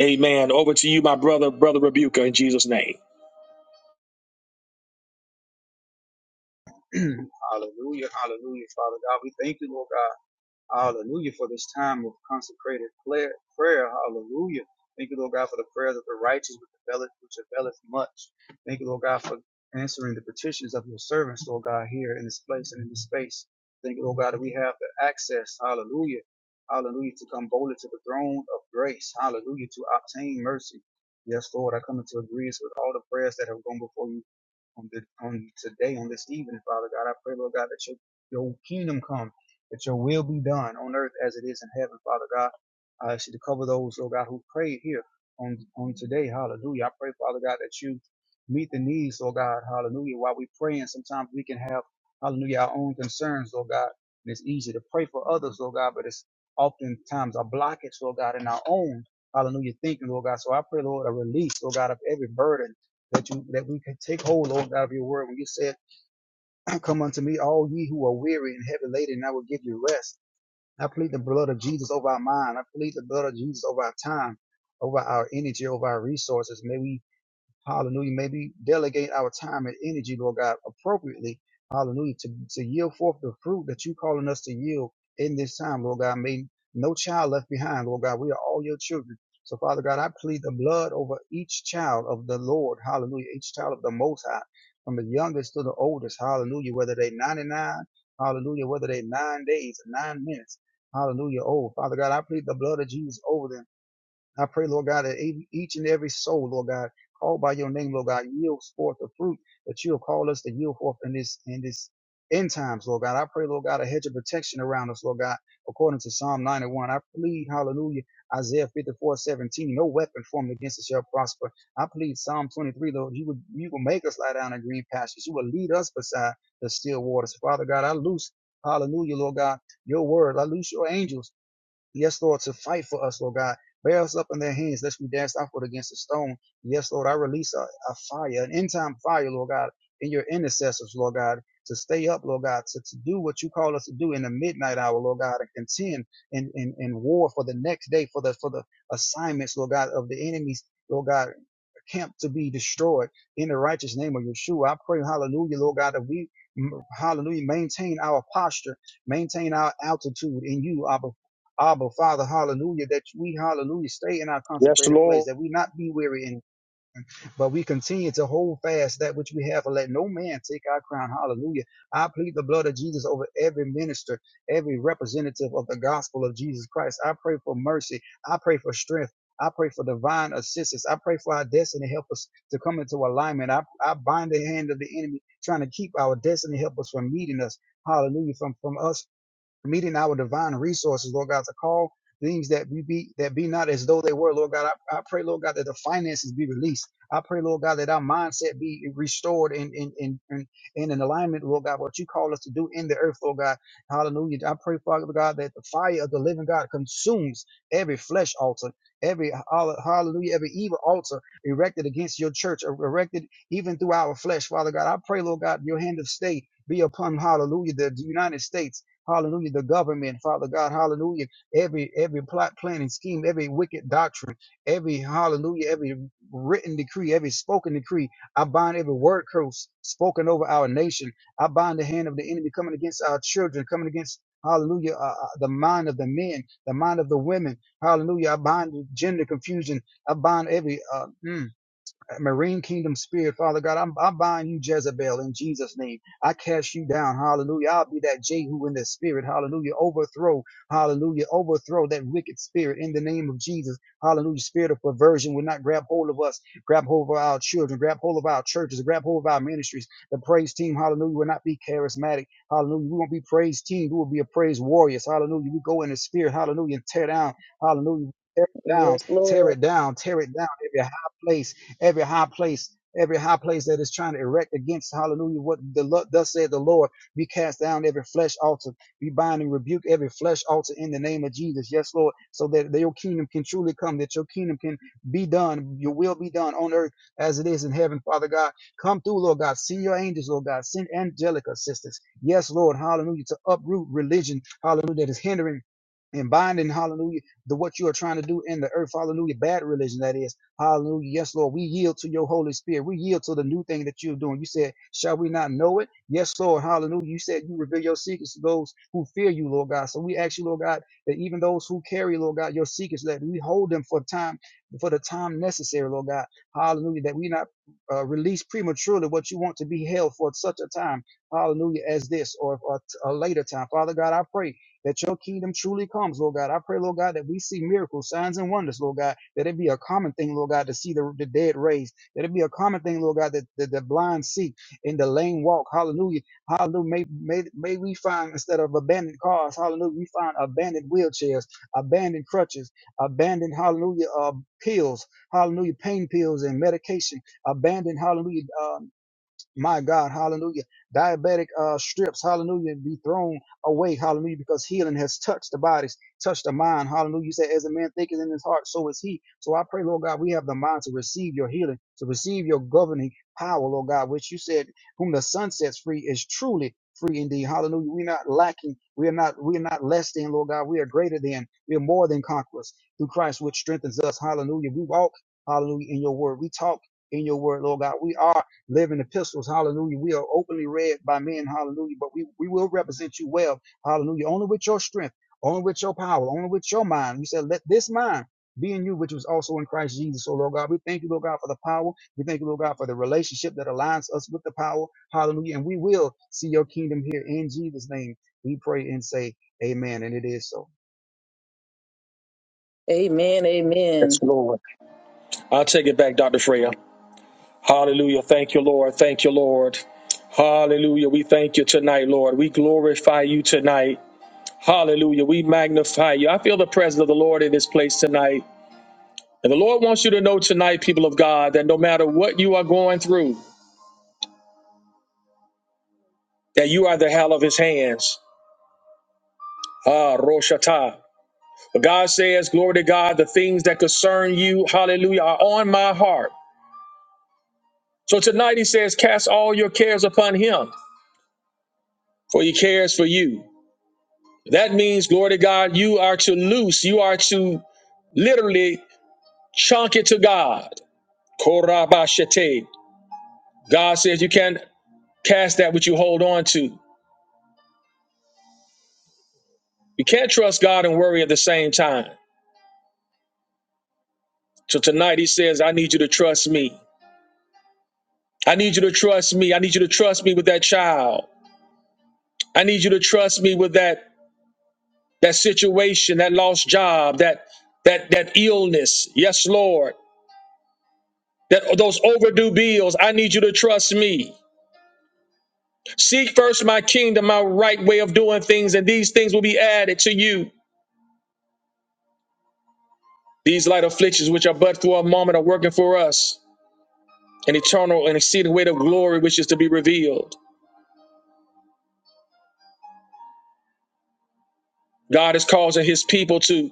B: Amen. Over to you, my brother, brother Rebuker, in Jesus' name.
E: Hallelujah, hallelujah, Father God. We thank you, Lord God. Hallelujah for this time of consecrated prayer. prayer. Hallelujah. Thank you, Lord God, for the prayers of the righteous which availeth, which availeth much. Thank you, Lord God, for answering the petitions of your servants, Lord God, here in this place and in this space. Thank you, Lord God, that we have the access. Hallelujah. Hallelujah. To come boldly to the throne of grace. Hallelujah. To obtain mercy. Yes, Lord, I come into agreement with all the prayers that have gone before you on the on today, on this evening, Father God. I pray, Lord God, that your your kingdom come, that your will be done on earth as it is in heaven, Father God. I ask you to cover those, Lord God, who prayed here on on today. Hallelujah. I pray, Father God, that you meet the needs, Lord God. Hallelujah. While we praying, sometimes we can have, hallelujah, our own concerns, Lord God. And it's easy to pray for others, Lord God, but it's oftentimes a blockage, Lord God, in our own, hallelujah, thinking, Lord God. So I pray, Lord, a release, Lord God, of every burden that you that we can take hold, Lord God, of your word. When you said, *clears throat* Come unto me, all ye who are weary and heavy laden, and I will give you rest. I plead the blood of Jesus over our mind. I plead the blood of Jesus over our time, over our energy, over our resources. May we Hallelujah. May we delegate our time and energy, Lord God, appropriately. Hallelujah. To, to yield forth the fruit that you're calling us to yield in this time, Lord God. May no child left behind, Lord God. We are all your children. So, Father God, I plead the blood over each child of the Lord. Hallelujah. Each child of the Most High, from the youngest to the oldest. Hallelujah. Whether they 99, hallelujah. Whether they nine days, nine minutes. Hallelujah. Oh, Father God, I plead the blood of Jesus over them. I pray, Lord God, that e-, each and every soul, Lord God, called by your name, Lord God, yields forth the fruit that you will call us to yield forth in this in this end times, Lord God. I pray, Lord God, a hedge of protection around us, Lord God, according to Psalm 91. I plead, hallelujah, Isaiah 54:17. no weapon formed against us shall prosper. I plead Psalm 23, Lord, you will you will make us lie down in green pastures. You will lead us beside the still waters. Father God, I loose, hallelujah, Lord God, your word. I loose your angels. Yes, Lord, to fight for us, Lord God. Bear us up in their hands, lest we dash our foot against a stone. Yes, Lord, I release a, a fire, an end time fire, Lord God, in your intercessors, Lord God, to stay up, Lord God, to, to do what you call us to do in the midnight hour, Lord God, and contend in, in, in war for the next day, for the for the assignments, Lord God, of the enemies, Lord God camp to be destroyed in the righteous name of Yeshua. I pray, hallelujah, Lord God, that we, mm, hallelujah, maintain our posture, maintain our altitude in you, Abba. Abba, Father, hallelujah, that we, hallelujah, stay in our
B: Yes,
E: consecrated place,
B: Lord.
E: that we not be weary in but we continue to hold fast that which we have and let no man take our crown. Hallelujah. I plead the blood of Jesus over every minister, every representative of the gospel of Jesus Christ. I pray for mercy. I pray for strength. I pray for divine assistance. I pray for our destiny help us to come into alignment. I, I bind the hand of the enemy trying to keep our destiny help us from meeting us. Hallelujah. From, from us meeting our divine resources, Lord God, to call things that we be that be not as though they were, Lord God. I, I pray, Lord God, that the finances be released. I pray, Lord God, that our mindset be restored and in in, in, in, in alignment, Lord God, what you call us to do in the earth, Lord God. Hallelujah. I pray, Father God, that the fire of the living God consumes every flesh altar, every hall- hallelujah, every evil altar erected against your church, or erected even through our flesh, Father God. I pray, Lord God, your hand of state be upon hallelujah, the United States. Hallelujah. The government, Father God, hallelujah. Every every plot, plan, and scheme, every wicked doctrine, every hallelujah, every written decree, every spoken decree. I bind every word curse spoken over our nation. I bind the hand of the enemy coming against our children, coming against Hallelujah. Uh, uh, the mind of the men, the mind of the women. Hallelujah. I bind gender confusion. I bind every uh, mm, marine kingdom spirit, Father God. I'm, I bind you, Jezebel, in Jesus' name. I cast you down. Hallelujah. I'll be that Jehu in the spirit. Hallelujah. Overthrow. Hallelujah. Overthrow that wicked spirit in the name of Jesus. Hallelujah. Spirit of perversion will not grab hold of us, grab hold of our children, grab hold of our churches, grab hold of our ministries. The praise team, hallelujah, will not be charismatic. Hallelujah. We won't be praise team. We will be a praise warriors. Hallelujah. We go in the spirit. Hallelujah. And tear down. Hallelujah. Tear it down. Tear it down. Tear it down. Every high place every high place, every high place that is trying to erect against hallelujah, what the thus said the Lord, we cast down every flesh altar, we bind and rebuke every flesh altar in the name of Jesus. Yes, Lord, so that that your kingdom can truly come, that your kingdom can be done, your will be done on earth as it is in heaven, Father God. Come through, Lord God. Send your angels, Lord God. Send angelic assistance. Yes, Lord, hallelujah, to uproot religion, hallelujah, that is hindering and binding, hallelujah, the what you are trying to do in the earth, hallelujah, bad religion that is. Hallelujah. Yes, Lord. We yield to your Holy Spirit. We yield to the new thing that you're doing. You said, Shall we not know it? Yes, Lord. Hallelujah. You said you reveal your secrets to those who fear you, Lord God. So we ask you, Lord God, that even those who carry, Lord God, your secrets, that we hold them for time, for the time necessary, Lord God. Hallelujah. That we not uh, release prematurely what you want to be held for such a time, hallelujah, as this or, or a later time. Father God, I pray that your kingdom truly comes, Lord God. I pray, Lord God, that we see miracles, signs, and wonders, Lord God, that it be a common thing, Lord God, to see the, the dead raised, that it be a common thing, Lord God, that, that the blind see and the lame walk. Hallelujah. Hallelujah. May, may, may we find, instead of abandoned cars, hallelujah, we find abandoned wheelchairs, abandoned crutches, abandoned, hallelujah, uh, pills, hallelujah, pain pills and medication, abandoned, hallelujah, uh, my God, hallelujah. Diabetic uh, strips, hallelujah, be thrown away, hallelujah, because healing has touched the bodies, touched the mind, hallelujah. You said, as a man thinketh in his heart, so is he. So I pray, Lord God, we have the mind to receive your healing, to receive your governing power, Lord God, which you said, whom the Son sets free is truly free indeed. Hallelujah. We're not lacking. We are not, we are not less than, Lord God. We are greater than. We are more than conquerors through Christ, which strengthens us. Hallelujah. We walk, hallelujah, in your word. We talk in your word, Lord God. We are living epistles, hallelujah. We are openly read by men, hallelujah, but we, we will represent you well, hallelujah, only with your strength, only with your power, only with your mind. You said, let this mind be in you, which was also in Christ Jesus. So, Lord God, we thank you, Lord God, for the power. We thank you, Lord God, for the relationship that aligns us with the power, hallelujah. And we will see your kingdom here in Jesus' name. We pray and say, Amen. And it is so.
A: Amen, amen.
B: Yes, Lord. I'll take it back, Dr. Freya. Hallelujah. Thank you, Lord. Thank you, Lord. Hallelujah. We thank you tonight, Lord. We glorify you tonight. Hallelujah. We magnify you. I feel the presence of the Lord in this place tonight. And the Lord wants you to know tonight, people of God, that no matter what you are going through, that you are the hell of his hands. Ah, Roshata. But God says, glory to God, the things that concern you, hallelujah, are on my heart. So tonight he says, cast all your cares upon him, for he cares for you. That means, glory to God, you are to loose, you are to literally chunk it to God. Korabashete. God says you can't cast that which you hold on to. You can't trust God and worry at the same time. So tonight he says, I need you to trust me. I need you to trust me. I need you to trust me with that child. I need you to trust me with that that situation, that lost job, that that that illness. Yes, Lord. That those overdue bills. I need you to trust me. Seek first my kingdom, my right way of doing things, and these things will be added to you. These light afflictions, which are but for a moment, are working for us an eternal and exceeding weight of glory, which is to be revealed. God is causing his people to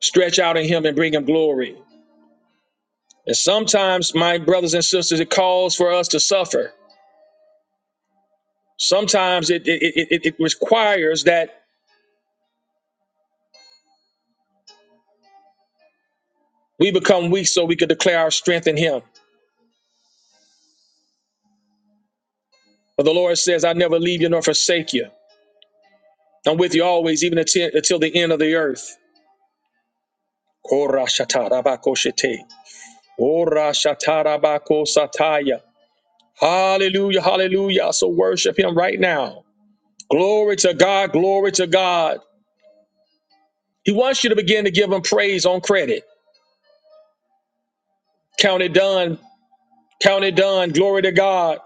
B: stretch out in him and bring him glory. And sometimes, my brothers and sisters, it calls for us to suffer. Sometimes it, it, it, it it requires that we become weak so we can declare our strength in him. But the Lord says, I never leave you nor forsake you. I'm with you always, even until, until the end of the earth. Kora shatarabako shete. Ora shatarabako sataya. Hallelujah, hallelujah. So worship him right now. Glory to God, glory to God. He wants you to begin to give him praise on credit. Count it done, count it done. Glory to God.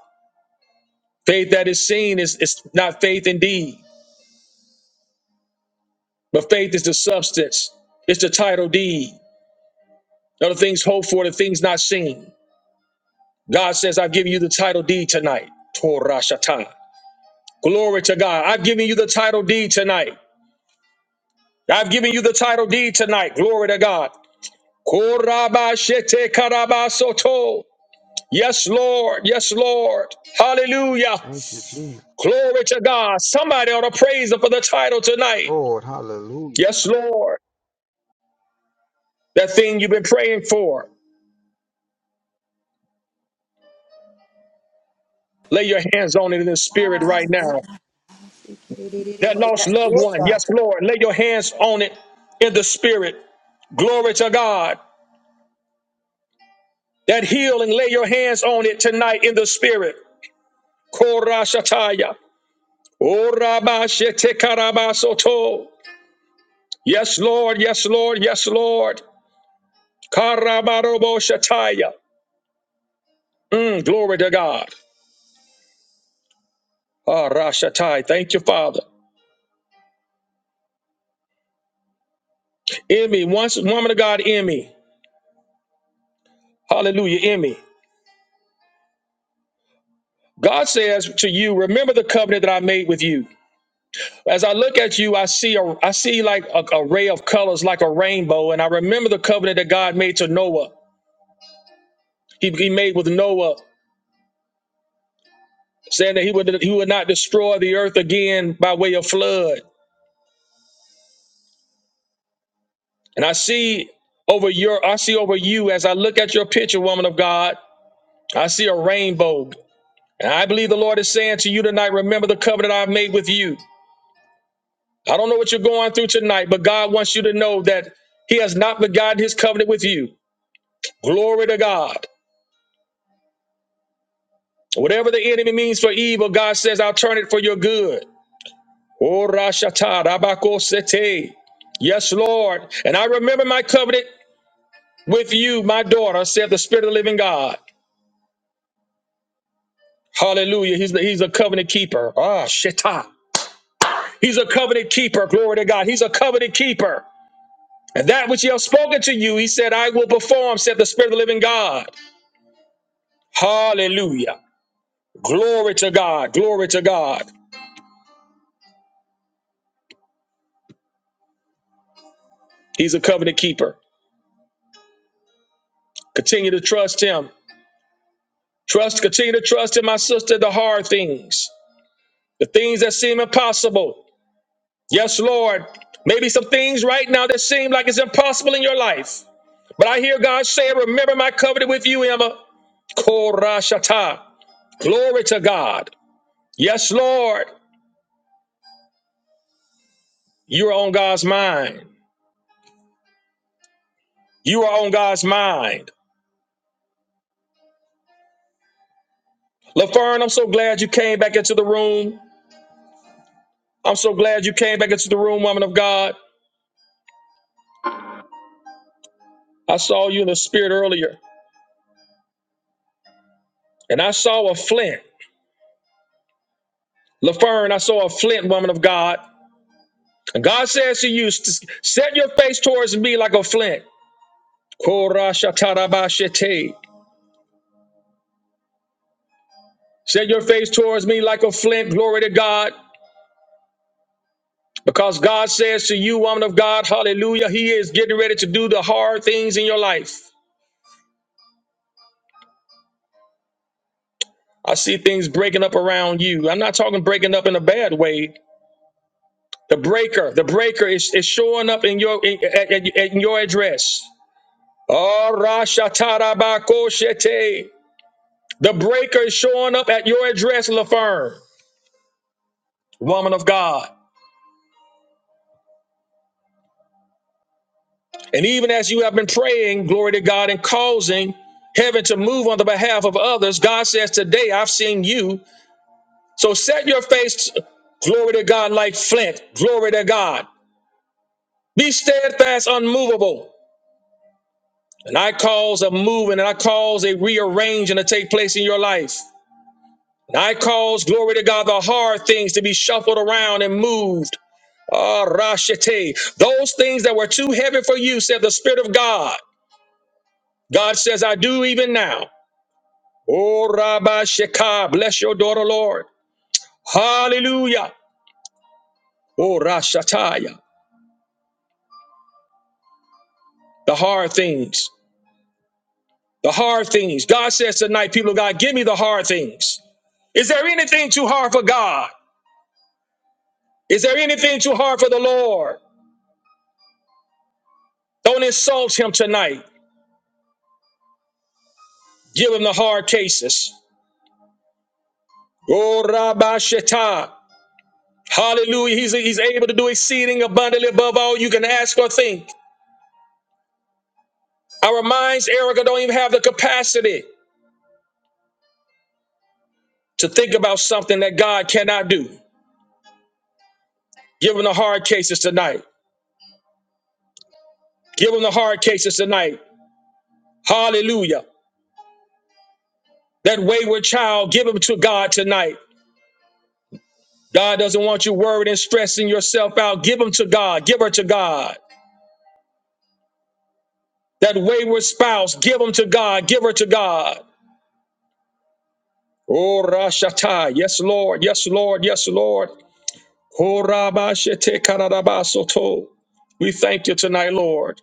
B: Faith that is seen is, is not faith indeed, but faith is the substance, it's the title deed. Now the things hoped for, the things not seen. God says, I've given you the title deed tonight. Torah Shatai. Glory to God. I've given you the title deed tonight. I've given you the title deed tonight. Glory to God. Korabashete karabasoto. Yes, Lord. Yes, Lord. Hallelujah.
E: Thank you, Jesus.
B: Glory to God. Somebody ought to praise Him for the title tonight.
E: Lord, hallelujah.
B: Yes, Lord. That thing you've been praying for. Lay your hands on it in the spirit
C: Ah,
B: right now. That lost loved
C: yes,
B: one.
C: God.
B: Yes, Lord. Lay your hands on it in the spirit. Glory to God. That healing, lay your hands on it tonight in the spirit. Korashataya. Orabashetekarabasoto. Yes, Lord. Yes, Lord. Yes, Lord. Karabaroboshataya. Mm, glory to God. Ah, Rashatai. Thank you, Father. Emmy, once woman of God, Emmy. Hallelujah, Emmy. God says to you, remember the covenant that I made with you. As I look at you, I see a, I see like a, a ray of colors, like a rainbow, and I remember the covenant that God made to Noah. He, he made with Noah saying that he would he would not destroy the earth again by way of flood. And I see over your I see over you as I look at your picture, woman of God, I see a rainbow. And I believe the Lord is saying to you tonight, remember the covenant I've made with you. I don't know what you're going through tonight, but God wants you to know that he has not forgotten his covenant with you. Glory to God. Whatever the enemy means for evil, God says, I'll turn it for your good. Oh, Rashata, Rabako Sete. Yes, Lord. And I remember my covenant with you, my daughter, saith the Spirit of the living God. Hallelujah. He's, the, he's a covenant keeper. Ah, shit. He's a covenant keeper. Glory to God. He's a covenant keeper. And that which he has spoken to you, he said, I will perform, Said the Spirit of the living God. Hallelujah. Glory to God. Glory to God. He's a covenant keeper. Continue to trust him. Trust, continue to trust Him, my sister, the hard things, the things that seem impossible. Yes, Lord. Maybe some things right now that seem like it's impossible in your life. But I hear God say, Remember my covenant with you, Emma. Korashata. Glory to God. Yes, Lord. You are on God's mind. You are on God's mind. Laferne, I'm so glad you came back into the room. I'm so glad you came back into the room, woman of God. I saw you in the spirit earlier, and I saw a flint. Laferne, I saw a flint, woman of God. And God says to you, "S- set your face towards me like a flint. Korashatarabashete. Set your face towards me like a flint. Glory to God. Because God says to you, woman of God, hallelujah, He is getting ready to do the hard things in your life. I see things breaking up around you. I'm not talking breaking up in a bad way. The breaker, the breaker is, is showing up in your in, at, at- at your address. Oh, rashatarabakoshete. The breaker is showing up at your address, LaFerme, woman of God. And even as you have been praying, glory to God, and causing heaven to move on the behalf of others, God says, Today I've seen you. So set your face, glory to God, like flint. Glory to God. Be steadfast, unmovable. And I cause a moving and I cause a rearranging to take place in your life. And I cause, glory to God, the hard things to be shuffled around and moved. Ah, Rashete. Those things that were too heavy for you, said the Spirit of God. God says, I do even now. Oh, Rabbi Shekah, bless your daughter, Lord. Hallelujah. Oh, Rashataya, the hard things, the hard things. God says tonight, people of God, give me the hard things. Is there anything too hard for God? Is there anything too hard for the Lord? Don't insult him tonight. Give him the hard cases. Oh, Rabbi Shetta. Hallelujah. He's, he's able to do exceeding abundantly above all you can ask or think. Our minds, Erica, don't even have the capacity. to think about something that God cannot do. Give them the hard cases tonight. Give them the hard cases tonight. Hallelujah. That wayward child, give him to God tonight. God doesn't want you worried and stressing yourself out. Give him to God. Give her to God. That wayward spouse, give him to God. Give her to God. Oh, Rashata. Yes, Lord. Yes, Lord. Yes, Lord. Oh, Rabashete Karadabasoto. We thank you tonight, Lord.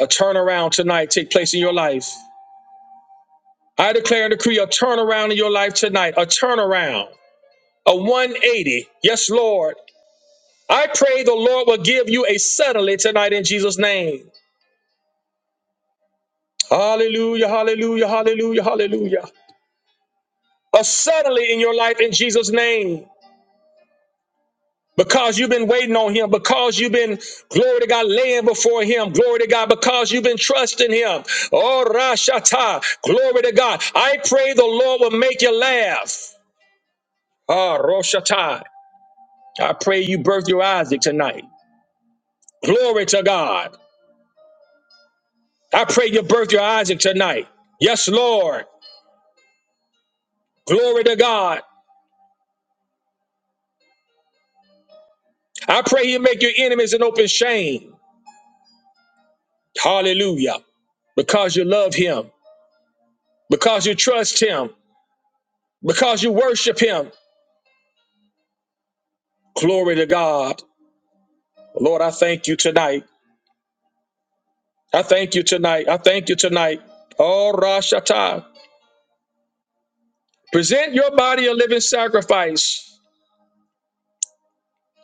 B: A turnaround tonight take place in your life. I declare and decree a turnaround in your life tonight, a turnaround, a 180. Yes, Lord. I pray the Lord will give you a suddenly tonight in Jesus' name. Hallelujah, hallelujah, hallelujah, hallelujah. A suddenly in your life in Jesus' name. Because you've been waiting on him, because you've been, glory to God, laying before him, glory to God, because you've been trusting him. Oh, Rashata, glory to God. I pray the Lord will make you laugh. Ah, Roshata. I pray you birth your Isaac tonight. Glory to God. I pray you birth your Isaac tonight. Yes, Lord. Glory to God. I pray you make your enemies an open shame. Hallelujah. Because you love him, because you trust him, because you worship him. Glory to God. Lord, I thank you tonight. I thank you tonight. I thank you tonight. Oh, Rashata. Present your body a living sacrifice,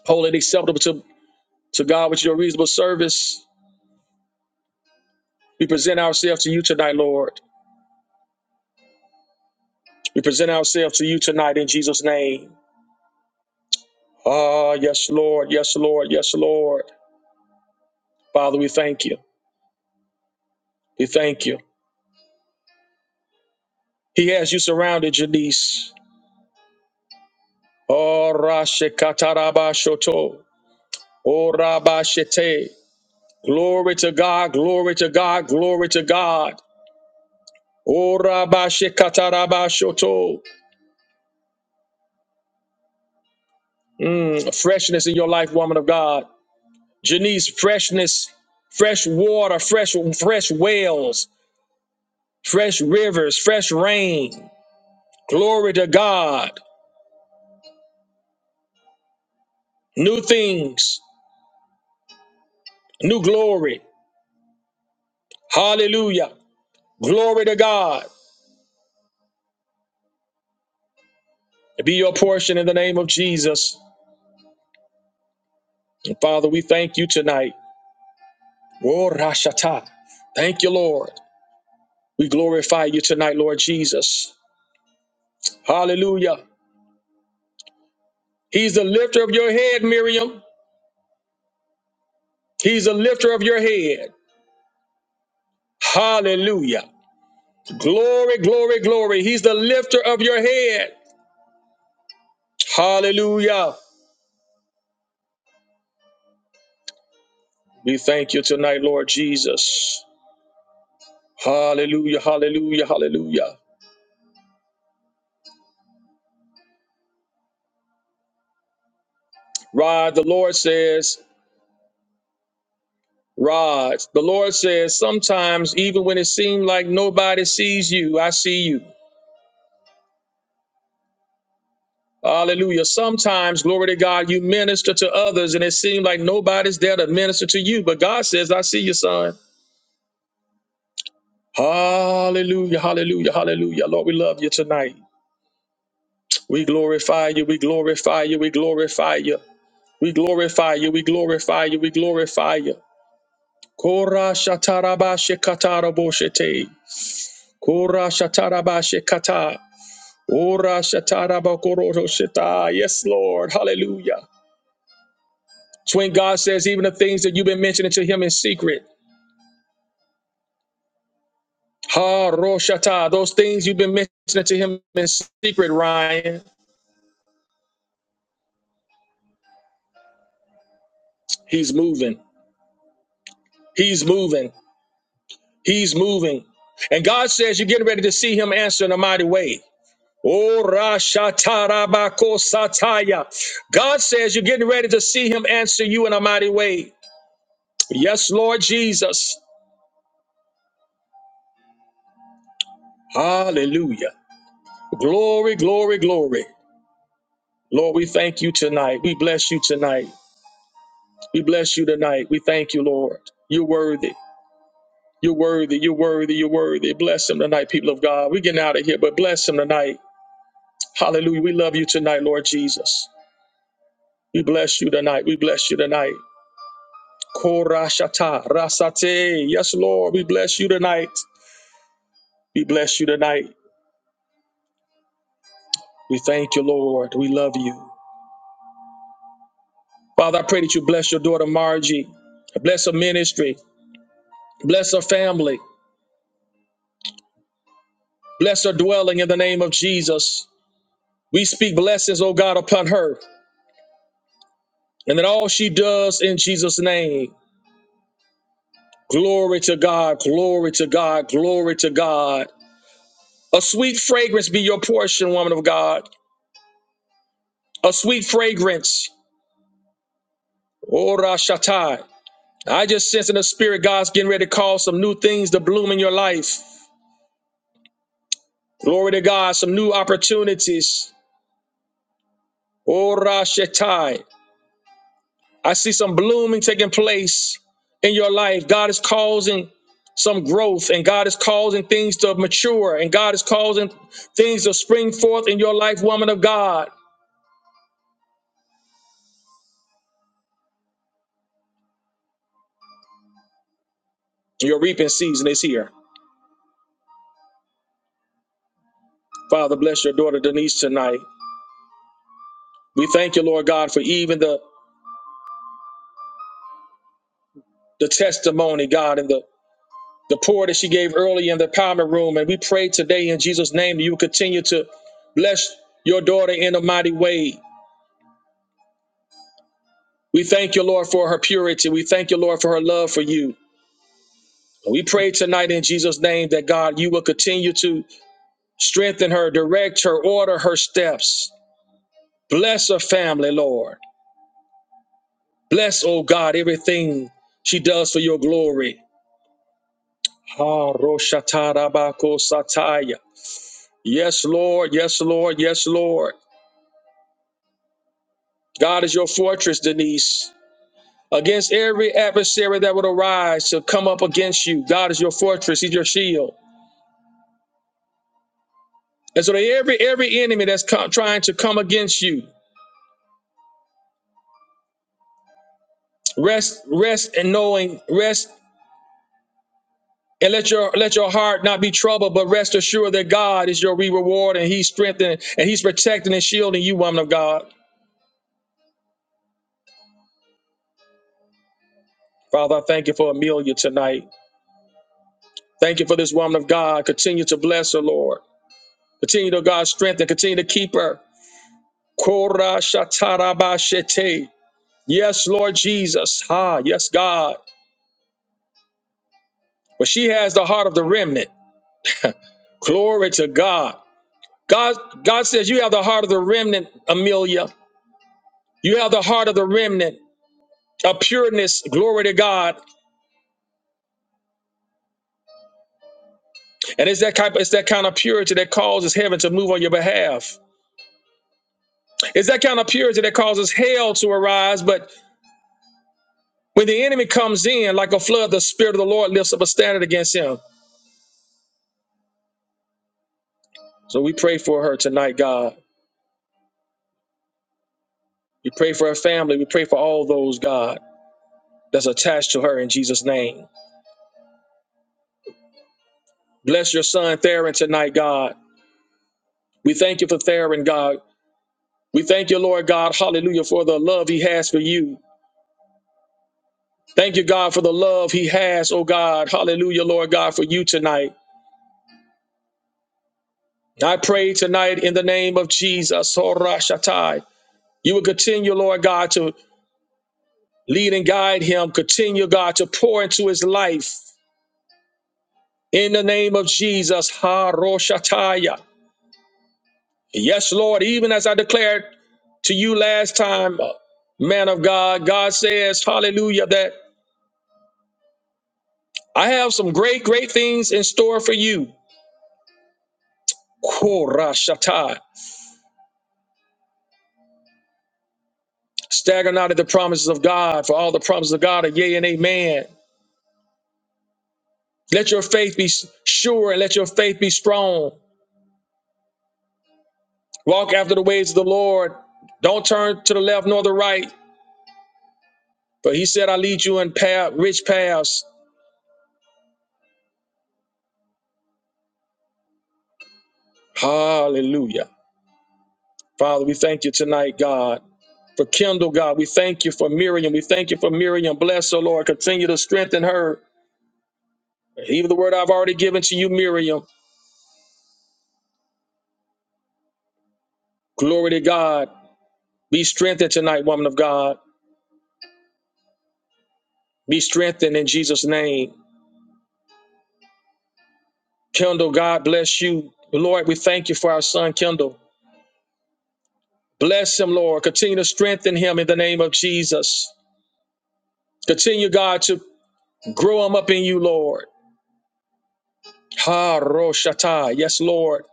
B: holy and acceptable to, to God, which is your reasonable service. We present ourselves to you tonight, Lord. We present ourselves to you tonight in Jesus' name. Ah, yes, Lord. Yes, Lord. Yes, Lord. Father, we thank you. We thank you. He has you surrounded, Janice. Oh, Rashekatarabashoto. Oh, Rabashete. Glory to God. Glory to God. Glory to God. Oh, Rabashekatarabashoto. Mm, freshness in your life, woman of God. Janice, freshness fresh water, fresh fresh wells. fresh rivers, fresh rain. Glory to God. New things, new glory. Hallelujah. Glory to God. Be your portion in the name of Jesus. And Father, we thank you tonight. Oh, Rashata. Thank you, Lord. We glorify you tonight, Lord Jesus. Hallelujah. He's the lifter of your head, Miriam. He's the lifter of your head. Hallelujah. Glory, glory, glory. He's the lifter of your head. Hallelujah. We thank you tonight, Lord Jesus. Hallelujah, hallelujah, hallelujah. Rod, the Lord says, Rod, the Lord says, sometimes even when it seems like nobody sees you, I see you. Hallelujah. Sometimes, glory to God, you minister to others and it seems like nobody's there to minister to you. But God says, I see you, son. Hallelujah, hallelujah, hallelujah. Lord, we love you tonight. We glorify you, we glorify you, we glorify you. We glorify you, we glorify you, we glorify you. Kora shatarabashe kataraboshete. Kora shatarabashe kata. Ora shatarabakoroto sheta. Yes, Lord. Hallelujah. It's when God says, even the things that you've been mentioning to him in secret. Ha roshata. Those things you've been mentioning to him in secret, Ryan. He's moving. He's moving. He's moving. And God says you're getting ready to see him answer in a mighty way. Oh, Rasha Rashatarabako Sataya. God says you're getting ready to see him answer you in a mighty way. Yes, Lord Jesus. Hallelujah. Glory, glory, glory. Lord, we thank you tonight. We bless you tonight. We bless you tonight. We thank you, Lord. You're worthy. You're worthy. You're worthy. You're worthy. Bless him tonight, people of God. We're getting out of here, but bless him tonight. Hallelujah. We love you tonight, Lord Jesus. We bless you tonight. We bless you tonight. Korashata rasate. Yes, Lord, we bless you tonight. We bless you tonight. We thank you, Lord. We love you. Father, I pray that you bless your daughter Margie. Bless her ministry. Bless her family. Bless her dwelling in the name of Jesus. We speak blessings, O God, upon her. And that all she does in Jesus' name. Glory to God. Glory to God. Glory to God. A sweet fragrance be your portion, woman of God. A sweet fragrance. Ora shatai. I just sense in the spirit God's getting ready to cause some new things to bloom in your life. Glory to God, some new opportunities. Oh, Rashetai. I see some blooming taking place in your life. God is causing some growth and God is causing things to mature and God is causing things to spring forth in your life, woman of God. Your reaping season is here. Father, bless your daughter Denise tonight. We thank you, Lord God, for even the, the testimony, God, and the the prayer that she gave early in the empowerment room. And we pray today in Jesus' name that you continue to bless your daughter in a mighty way. We thank you, Lord, for her purity. We thank you, Lord, for her love for you. And we pray tonight in Jesus' name that God, you will continue to strengthen her, direct her, order her steps. Bless her family, Lord. Bless, oh God, everything she does for your glory. Ha, roshatarabako sataya. Yes, Lord. Yes, Lord. Yes, Lord. God is your fortress, Denise. Against every adversary that would arise to come up against you, God is your fortress. He's your shield. And so, that every every enemy that's co- trying to come against you, rest, rest, and knowing, rest, and let your let your heart not be troubled, but rest assured that God is your reward, and He's strengthening, and He's protecting and shielding you, woman of God. Father, I thank you for Amelia tonight. Thank you for this woman of God. Continue to bless her, Lord. Continue to God strengthen. Continue to keep her. Kora shatarabashete. Yes, Lord Jesus. Ha, yes, God. But she has the heart of the remnant. Glory to God. God, God says you have the heart of the remnant, Amelia. You have the heart of the remnant. A pureness, glory to God. And it's that type, it's that kind of purity that causes heaven to move on your behalf. It's that kind of purity that causes hell to arise. But when the enemy comes in like a flood, the spirit of the Lord lifts up a standard against him. So we pray for her tonight, God. We pray for her family. We pray for all those, God, that's attached to her in Jesus' name. Bless your son, Theron, tonight, God. We thank you for Theron, God. We thank you, Lord God, hallelujah, for the love he has for you. Thank you, God, for the love he has, oh God, hallelujah, Lord God, for you tonight. I pray tonight in the name of Jesus, oh Rashatai. You will continue, Lord God, to lead and guide him. Continue, God, to pour into his life in the name of Jesus, Ha Roshataya. Yes, Lord, even as I declared to you last time, uh, man of God, God says, hallelujah, that I have some great, great things in store for you. Korashatai. Stagger not at the promises of God, for all the promises of God are yea and amen. Let your faith be sure and let your faith be strong. Walk after the ways of the Lord. Don't turn to the left nor the right, for he said, I lead you in path, rich paths. Hallelujah. Father, we thank you tonight, God, for Kendall, God. We thank you for Miriam. We thank you for Miriam. Bless her, Lord. Continue to strengthen her. Even the word I've already given to you, Miriam. Glory to God. Be strengthened tonight, woman of God. Be strengthened in Jesus' name. Kendall, God bless you. Lord, we thank you for our son, Kendall. Bless him, Lord. Continue to strengthen him in the name of Jesus. Continue, God, to grow him up in you, Lord. Ha, Roshata. Yes, Lord.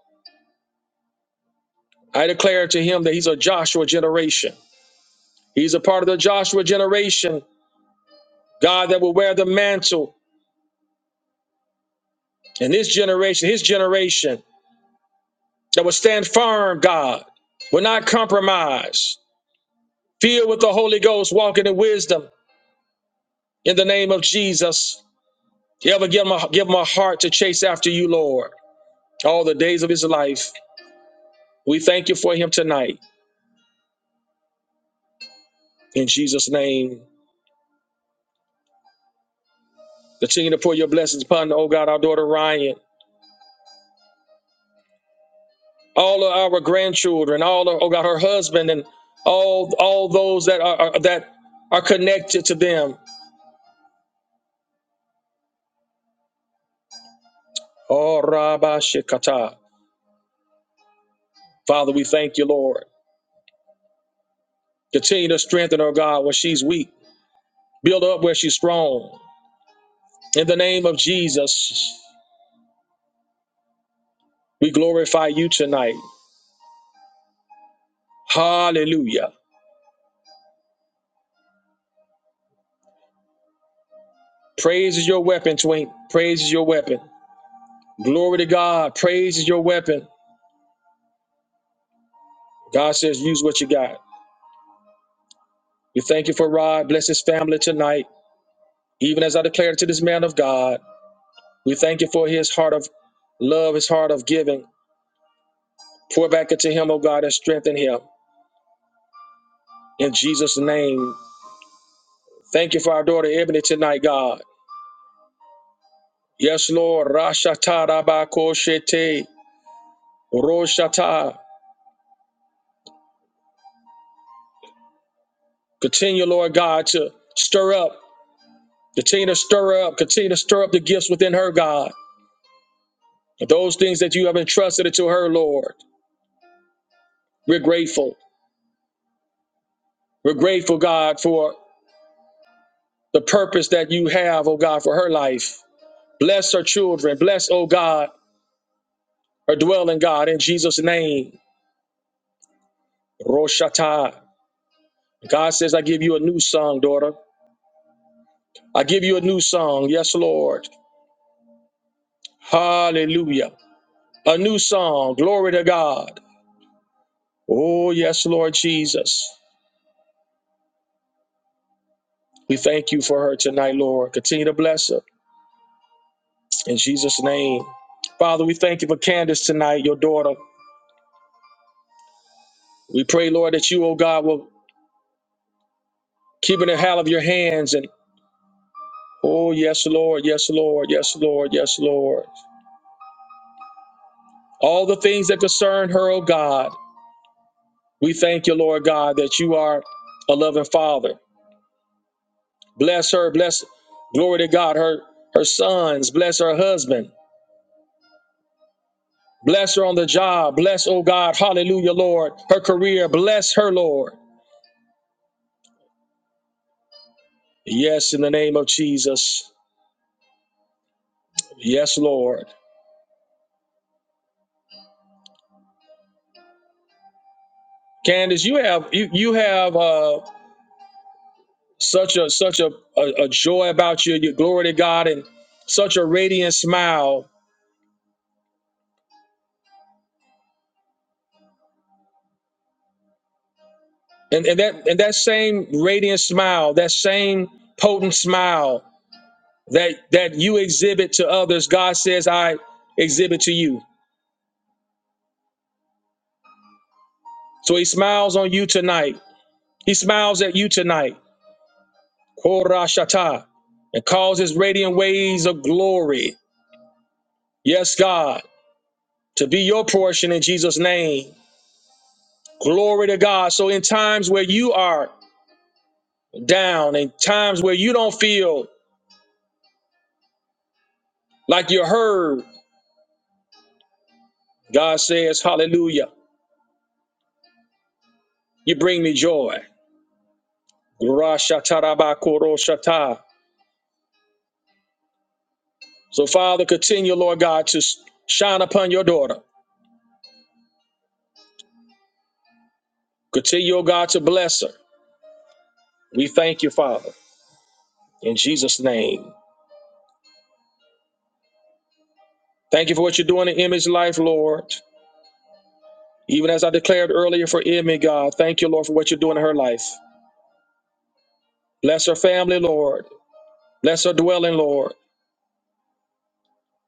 B: I declare to him that he's a Joshua generation. He's a part of the Joshua generation, God, that will wear the mantle in this generation, his generation, that will stand firm, God, will not compromise, filled with the Holy Ghost, walking in wisdom in the name of Jesus. You ever give him, a, give him a heart to chase after you, Lord, all the days of his life. We thank you for him tonight. In Jesus' name, continue to pour your blessings upon, oh God, our daughter Ryan. all of our grandchildren, all of, oh God, her husband, and all all those that are, are that are connected to them. Oh Rabba Shekata. Father, we thank you, Lord. Continue to strengthen her, God, when she's weak. Build her up where she's strong. In the name of Jesus, we glorify you tonight. Hallelujah. Praise is your weapon, Twink. Praise is your weapon. Glory to God. Praise is your weapon. God says, use what you got. We thank you for Rod. Bless his family tonight. Even as I declared to this man of God, we thank you for his heart of love, his heart of giving. Pour back into him, oh God, and strengthen him. In Jesus' name, thank you for our daughter Ebony tonight, God. Yes, Lord. Rashata rabako shete. Roshata. Continue, Lord God, to stir up. Continue to stir up. Continue to stir up the gifts within her, God. Those things that you have entrusted to her, Lord. We're grateful. We're grateful, God, for the purpose that you have, oh God, for her life. Bless her children. Bless, oh God, her dwelling, God, in Jesus' name. Roshata. God says, I give you a new song, daughter. I give you a new song. Yes, Lord. Hallelujah. A new song. Glory to God. Oh, yes, Lord Jesus. We thank you for her tonight, Lord. Continue to bless her in Jesus' name. Father, we thank you for Candace tonight, your daughter. We pray, Lord, that you, oh God, will keep it in the hell of your hands. And oh, yes, Lord, yes, Lord, yes, Lord, yes, Lord. all the things that concern her, oh God. We thank you, Lord God, that you are a loving father. Bless her, bless, glory to God, her, her sons, bless her husband, bless her on the job, bless, oh God, hallelujah, Lord, her career, bless her, Lord. Yes, in the name of Jesus. Yes, Lord. Candace, you have you you have uh such a such a, a, a joy about you, your glory to God and such a radiant smile And, and that and that same radiant smile, that same potent smile that that you exhibit to others, God says, I exhibit to you. So he smiles on you tonight. He smiles at you tonight. Korashata. And causes radiant waves of glory. Yes, God, to be your portion in Jesus' name. Glory to God. So in times where you are down, in times where you don't feel like you're heard, God says, Hallelujah. You bring me joy. Rashatarabakuroshata. So, Father, continue, Lord God, to shine upon your daughter. Continue, oh God, to bless her. We thank you, Father, in Jesus' name. Thank you for what you're doing in Emmy's life, Lord. Even as I declared earlier for Emmy, God, thank you, Lord, for what you're doing in her life. Bless her family, Lord. Bless her dwelling, Lord.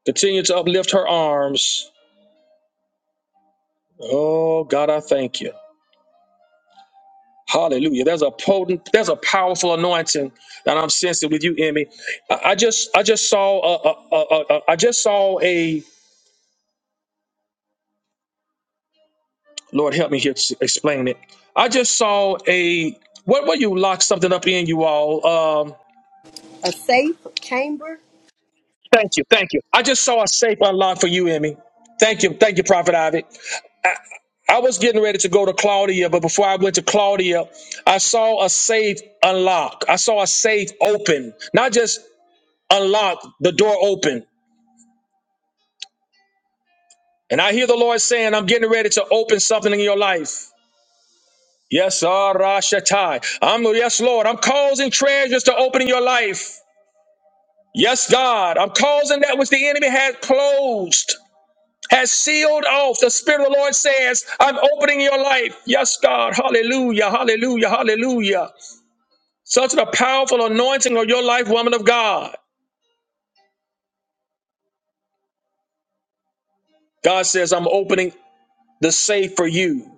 B: Continue to uplift her arms. Oh, God, I thank you. Hallelujah. There's a potent, there's a powerful anointing that I'm sensing with you, Emmy. I, I just, I just saw, a, a, a, a, I just saw a, Lord help me here to explain it. I just saw a, what were you locked something up in you all? Um,
C: A safe chamber
B: thank you. Thank you. I just saw a safe unlock for you, Emmy. Thank you. Thank you, Prophet Ivy. I, I was getting ready to go to Claudia, but before I went to Claudia, I saw a safe unlock. I saw a safe open, not just unlock the door open. And I hear the Lord saying, I'm getting ready to open something in your life. Yes, Arashatai. I'm yes, Lord. I'm causing treasures to open in your life. Yes, God. I'm causing that which the enemy has closed, has sealed off. The Spirit of the Lord says, I'm opening your life. Yes, God. Hallelujah. Hallelujah. Hallelujah. Such a powerful anointing on your life, woman of God. God says, I'm opening the safe for you.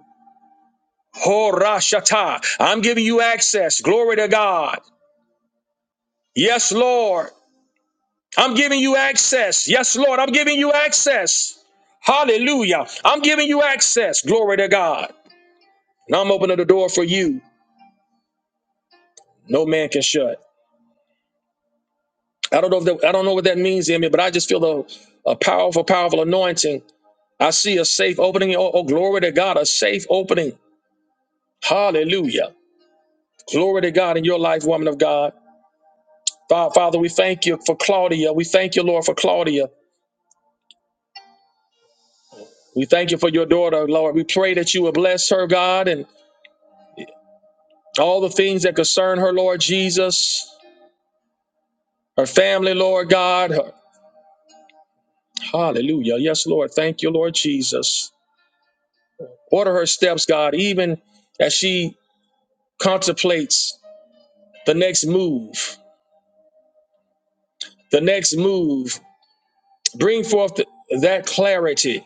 B: Horashata. I'm giving you access. Glory to God. Yes, Lord. I'm giving you access. Yes, Lord. I'm giving you access. Hallelujah. I'm giving you access. Glory to God. Now I'm opening the door for you. No man can shut. I don't know if that, I don't know what that means in me, but I just feel a, a powerful, powerful anointing. I see a safe opening. Oh, oh, glory to God. A safe opening. Hallelujah. Glory to God in your life, woman of God. Fa- Father, we thank you for Claudia. We thank you, Lord, for Claudia. We thank you for your daughter, Lord. We pray that you will bless her, God, and all the things that concern her, Lord Jesus, her family, Lord God. Her, hallelujah. Yes, Lord. Thank you, Lord Jesus. Order her steps, God, even as she contemplates the next move, the next move. Bring forth th- that clarity.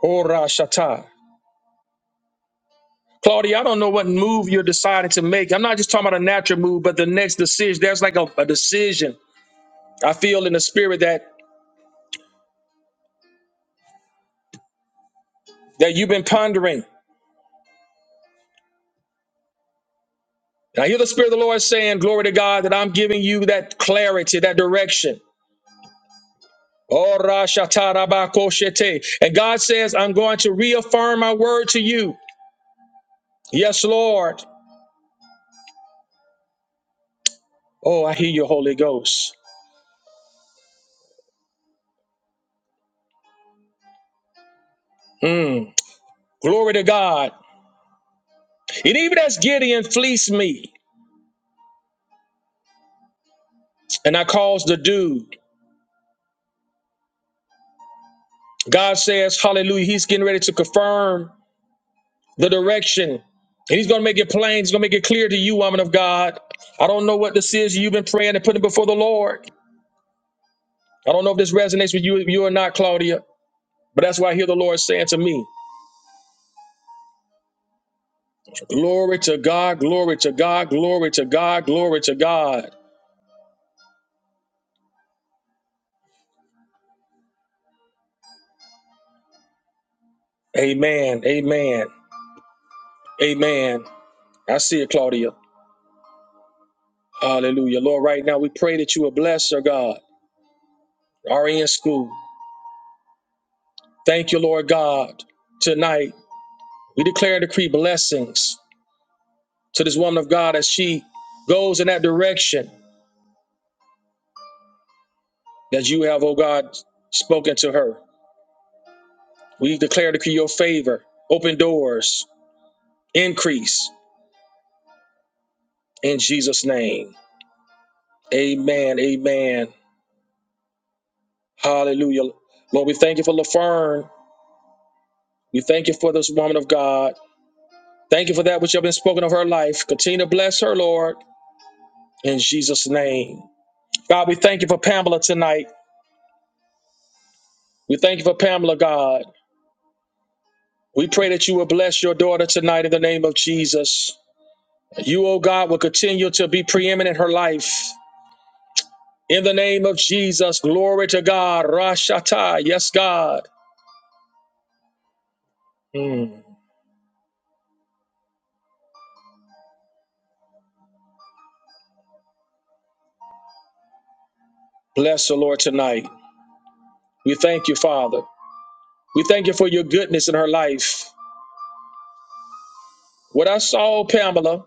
B: Ora shata. Claudia, I don't know what move you're deciding to make. I'm not just talking about a natural move, but the next decision. There's like a, a decision I feel in the spirit that that you've been pondering And I hear the Spirit of the Lord saying, Glory to God, that I'm giving you that clarity, that direction. Oh, ra, sha, ta, ko, she, And God says, I'm going to reaffirm my word to you. Yes, Lord. Oh, I hear your Holy Ghost. Mm. Glory to God. And even as Gideon fleeced me, and I caused the dew, God says, Hallelujah. He's getting ready to confirm the direction. And he's going to make it plain. He's going to make it clear to you, woman of God. I don't know what this is you've been praying and putting before the Lord. I don't know if this resonates with you, you or not, Claudia, but that's why I hear the Lord saying to me, Glory to God, glory to God, glory to God, glory to God. Amen, amen, amen. I see it, Claudia. Hallelujah. Lord, right now we pray that you will bless our God, RN School. Thank you, Lord God. Tonight, we declare and decree blessings to this woman of God as she goes in that direction that you have, oh God, spoken to her. We declare and decree your favor, open doors, increase in Jesus' name. Amen. Amen. Hallelujah. Lord, we thank you for LaFern. We thank you for this woman of God. Thank you for that which you have been spoken of her life. Continue to bless her, Lord, in Jesus' name. God, we thank you for Pamela tonight. We thank you for Pamela, God. We pray that you will bless your daughter tonight in the name of Jesus. You, oh God, will continue to be preeminent in her life. In the name of Jesus, glory to God. Rashata. Yes, God. Mm. Bless the Lord, tonight. We thank you, Father. We thank you for your goodness in her life. What I saw, Pamela,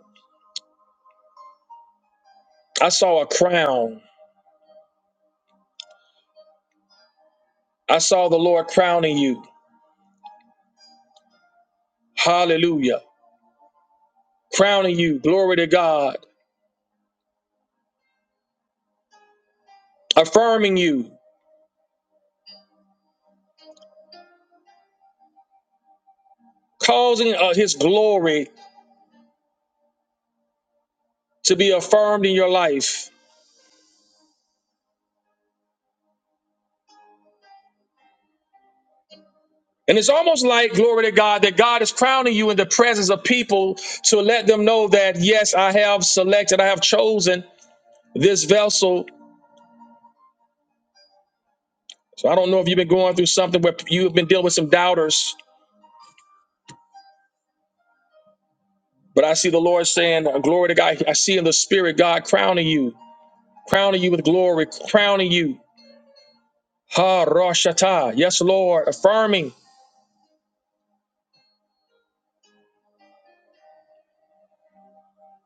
B: I saw a crown. I saw the Lord crowning you. Hallelujah. Crowning you. Glory to God. Affirming you. Causing uh, his glory to be affirmed in your life. And it's almost like, glory to God, that God is crowning you in the presence of people to let them know that, yes, I have selected, I have chosen this vessel So I don't know if you've been going through something where you've been dealing with some doubters, but I see the Lord saying, uh, Glory to God. I see in the Spirit God crowning you, crowning you with glory, crowning you. Ha Roshata. Yes, Lord, affirming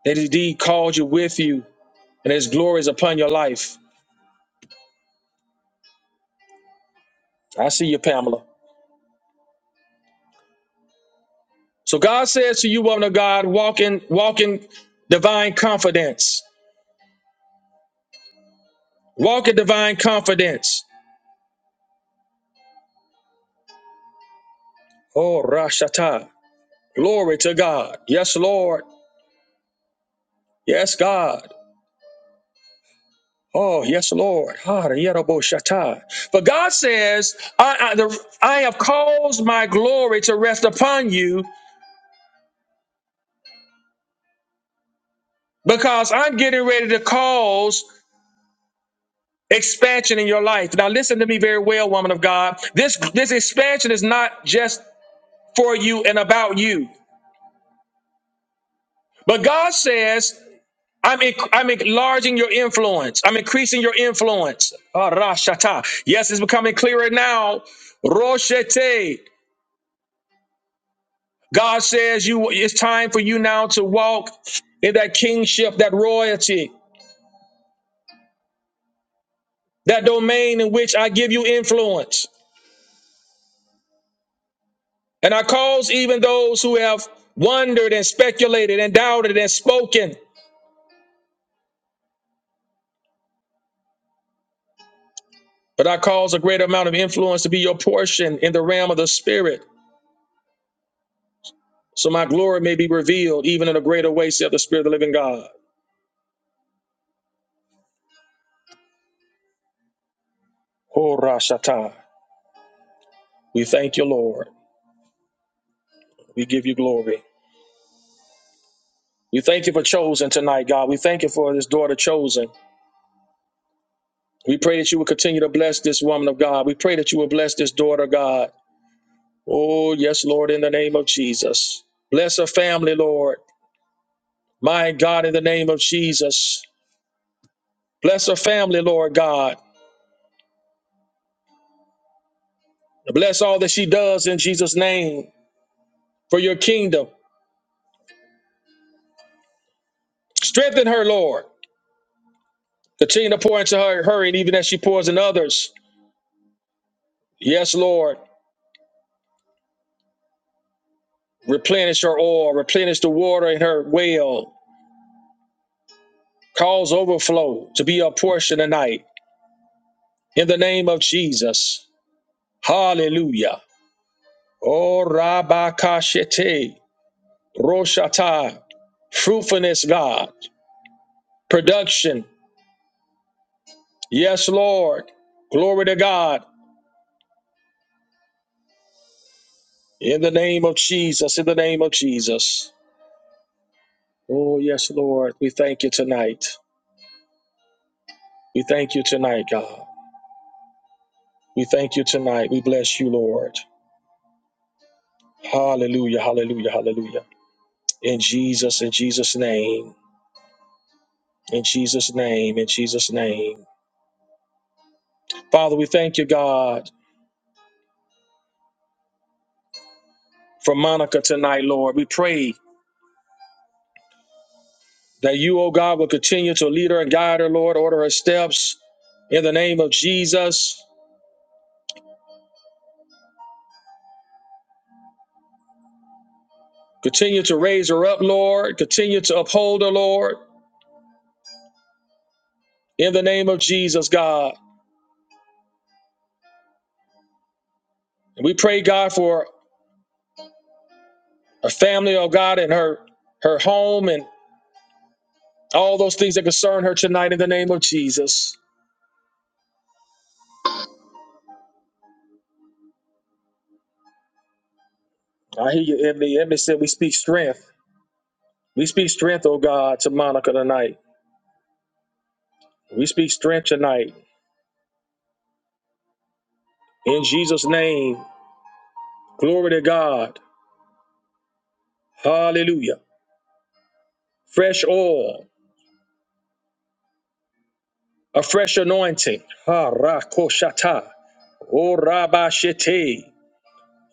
B: that He indeed called you with you and His glory is upon your life. I see you, Pamela. So God says to you, woman of God, walk in, walk in divine confidence. Walk in divine confidence. Oh, Rashata. Glory to God. Yes, Lord. Yes, God. Oh, yes, Lord. Ha, yarabo-shata. But God says, I, I, the, I have caused my glory to rest upon you because I'm getting ready to cause expansion in your life. Now, listen to me very well, woman of God. This, this expansion is not just for you and about you, but God says, I'm, en- I'm enlarging your influence. I'm increasing your influence. Ah, ra, shata. Yes, it's becoming clearer now. Roshete. God says you it's time for you now to walk in that kingship, that royalty, that domain in which I give you influence. And I cause even those who have wondered and speculated and doubted and spoken, but I cause a great amount of influence to be your portion in the realm of the spirit, so my glory may be revealed even in a greater way, saith the Spirit of the living God. Oh, Rashata. We thank you, Lord. We give you glory. We thank you for chosen tonight, God. We thank you for this daughter chosen. We pray that you will continue to bless this woman of God. We pray that you will bless this daughter, God. Oh, yes, Lord, in the name of Jesus. Bless her family, Lord. My God, in the name of Jesus. Bless her family, Lord God. Bless all that she does in Jesus' name for your kingdom. Strengthen her, Lord. Continue to pour into her, her and even as she pours in others. Yes, Lord. Replenish her oil, replenish the water in her well. Cause overflow to be a portion tonight in the name of Jesus. Hallelujah. Oh, Rabakashete, Roshata, fruitfulness, God, production. Yes, Lord. Glory to God. In the name of Jesus, in the name of Jesus. Oh, yes, Lord. We thank you tonight. We thank you tonight, God. We thank you tonight. We bless you, Lord. Hallelujah, hallelujah, hallelujah. In Jesus, in Jesus' name. In Jesus' name, in Jesus' name. Father, we thank you, God. for Monica tonight, Lord. We pray that you, oh God, will continue to lead her and guide her, Lord, order her steps in the name of Jesus. Continue to raise her up, Lord. Continue to uphold her, Lord, in the name of Jesus, God. And we pray, God, for her family, oh God, and her her home and all those things that concern her tonight in the name of Jesus. I hear you, Emily. Emily said we speak strength. We speak strength, oh God, to Monica tonight. We speak strength tonight. In Jesus' name. Glory to God. Hallelujah. Fresh oil, a fresh anointing. Ha rakoshata. O rabashete.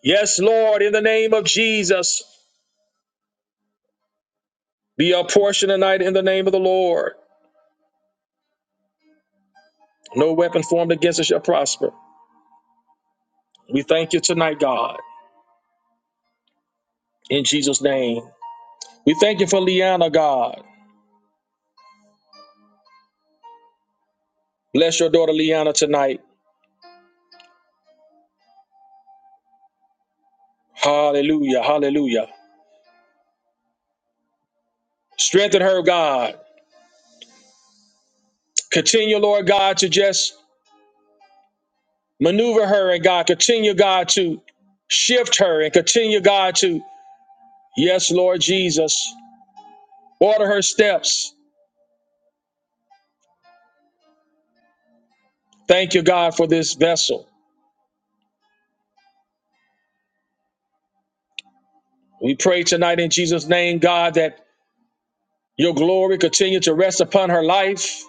B: Yes, Lord, in the name of Jesus, be our portion tonight in the name of the Lord. No weapon formed against us shall prosper. We thank you tonight, God, in Jesus' name. We thank you for Liana, God. Bless your daughter Liana tonight. Hallelujah. Hallelujah. Strengthen her, God. Continue, Lord God, to just maneuver her and God continue God to shift her and continue God to yes Lord Jesus order her steps thank you God for this vessel we pray tonight in Jesus name God that your glory continue to rest upon her life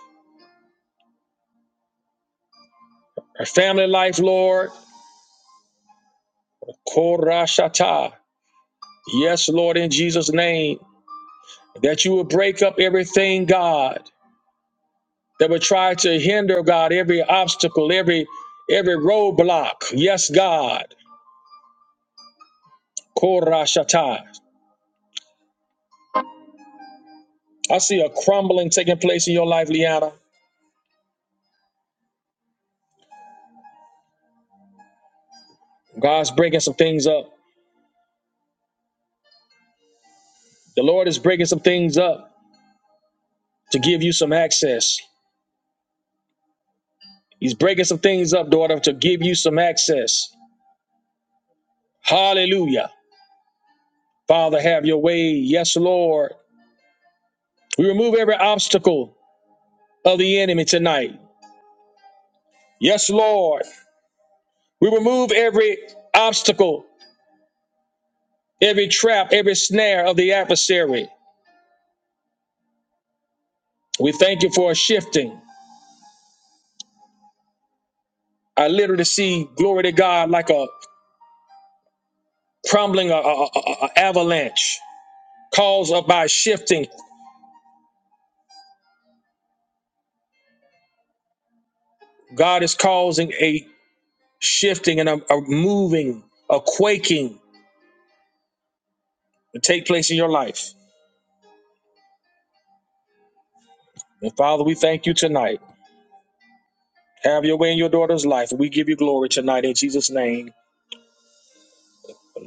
B: her family life Lord Korashata yes Lord in Jesus name that you will break up everything God that would try to hinder God every obstacle every every roadblock yes God Korashatai. I see a crumbling taking place in your life, Liana. God's breaking some things up. The Lord is breaking some things up to give you some access. He's breaking some things up, daughter, to give you some access. Hallelujah. Father, have your way. Yes, Lord. We remove every obstacle of the enemy tonight. Yes, Lord. We remove every obstacle, every trap, every snare of the adversary. We thank you for a shifting. I literally see glory to God like a crumbling a, a- a- a- avalanche caused up by shifting god is causing a shifting and a, a moving a quaking to take place in your life and father we thank you tonight have your way in your daughter's life we give you glory tonight in jesus name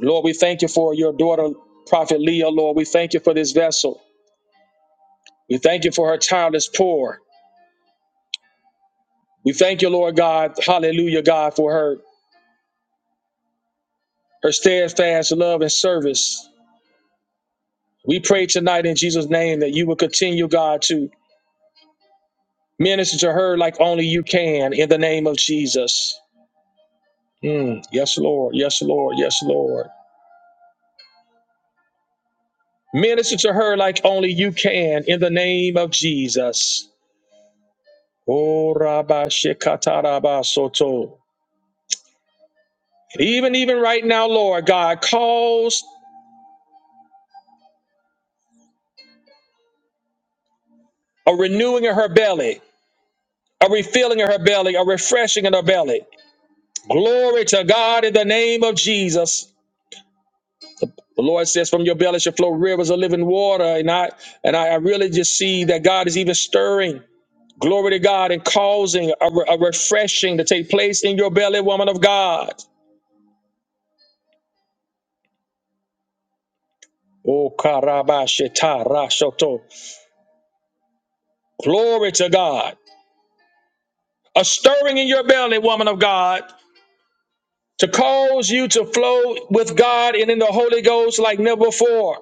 B: lord we thank you for your daughter prophet leah lord we thank you for this vessel we thank you for her childless poor we thank you lord god hallelujah god for her her steadfast love and service We pray tonight in Jesus' name that you will continue, God, to minister to her like only you can in the name of Jesus. Mm, yes, Lord. Yes, Lord. Yes, Lord. Minister to her like only you can in the name of Jesus. Oh, Rabba Shekata Rabba Soto. And even, even right now, Lord God, cause a renewing in her belly, a refilling in her belly, a refreshing in her belly. Glory to God in the name of Jesus. The Lord says, "From your belly shall flow rivers of living water." And I and I, I really just see that God is even stirring. Glory to God and causing a, re- a refreshing to take place in your belly, woman of God. Oh, karabashita rashoto. Glory to God. A stirring in your belly, woman of God, to cause you to flow with God and in the Holy Ghost like never before.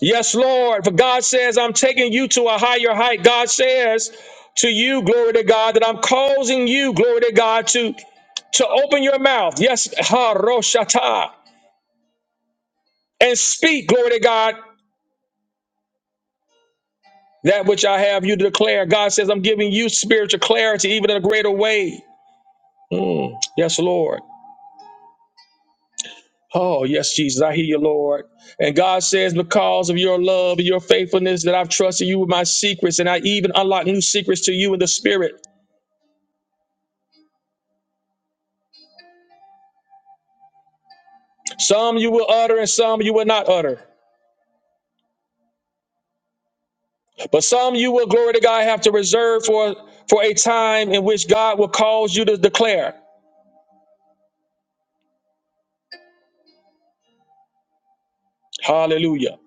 B: Yes, Lord. For God says, I'm taking you to a higher height. God says to you, glory to God, that I'm causing you, glory to God, to, to open your mouth. Yes, ha roshata. And speak, glory to God, that which I have you to declare. God says, I'm giving you spiritual clarity, even in a greater way. Mm, yes, Lord. Oh, yes, Jesus, I hear you, Lord. And God says, because of your love and your faithfulness, that I've trusted you with my secrets, and I even unlock new secrets to you in the spirit. Some you will utter and some you will not utter. But some you will, glory to God, have to reserve for, for a time in which God will cause you to declare. Hallelujah.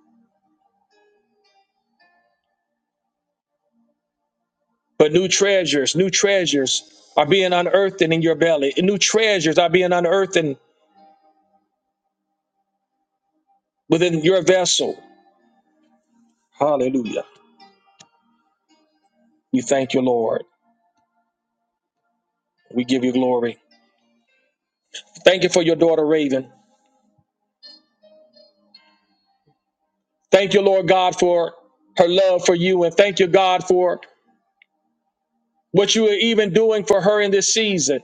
B: But new treasures, new treasures are being unearthed in your belly. And new treasures are being unearthed in- within your vessel. Hallelujah. We thank you, Lord. We give you glory. Thank you for your daughter, Raven. Thank you, Lord God, for her love for you. And thank you, God, for what you are even doing for her in this season.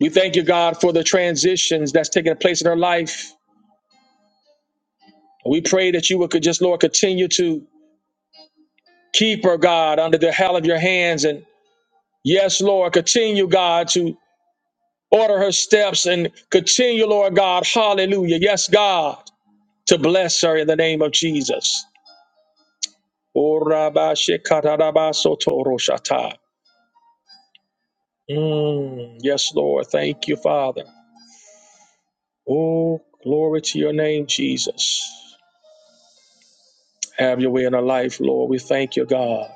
B: We thank you, God, for the transitions that's taking place in her life. We pray that you would could just, Lord, continue to keep her, God, under the hell of your hands. And yes, Lord, continue, God, to order her steps and continue, Lord God, hallelujah. Yes, God, to bless her in the name of Jesus. Orabashikatarabasotoroshatai. Mm, yes, Lord. Thank you, Father. Oh, glory to your name, Jesus. Have your way in our life, Lord. We thank you, God.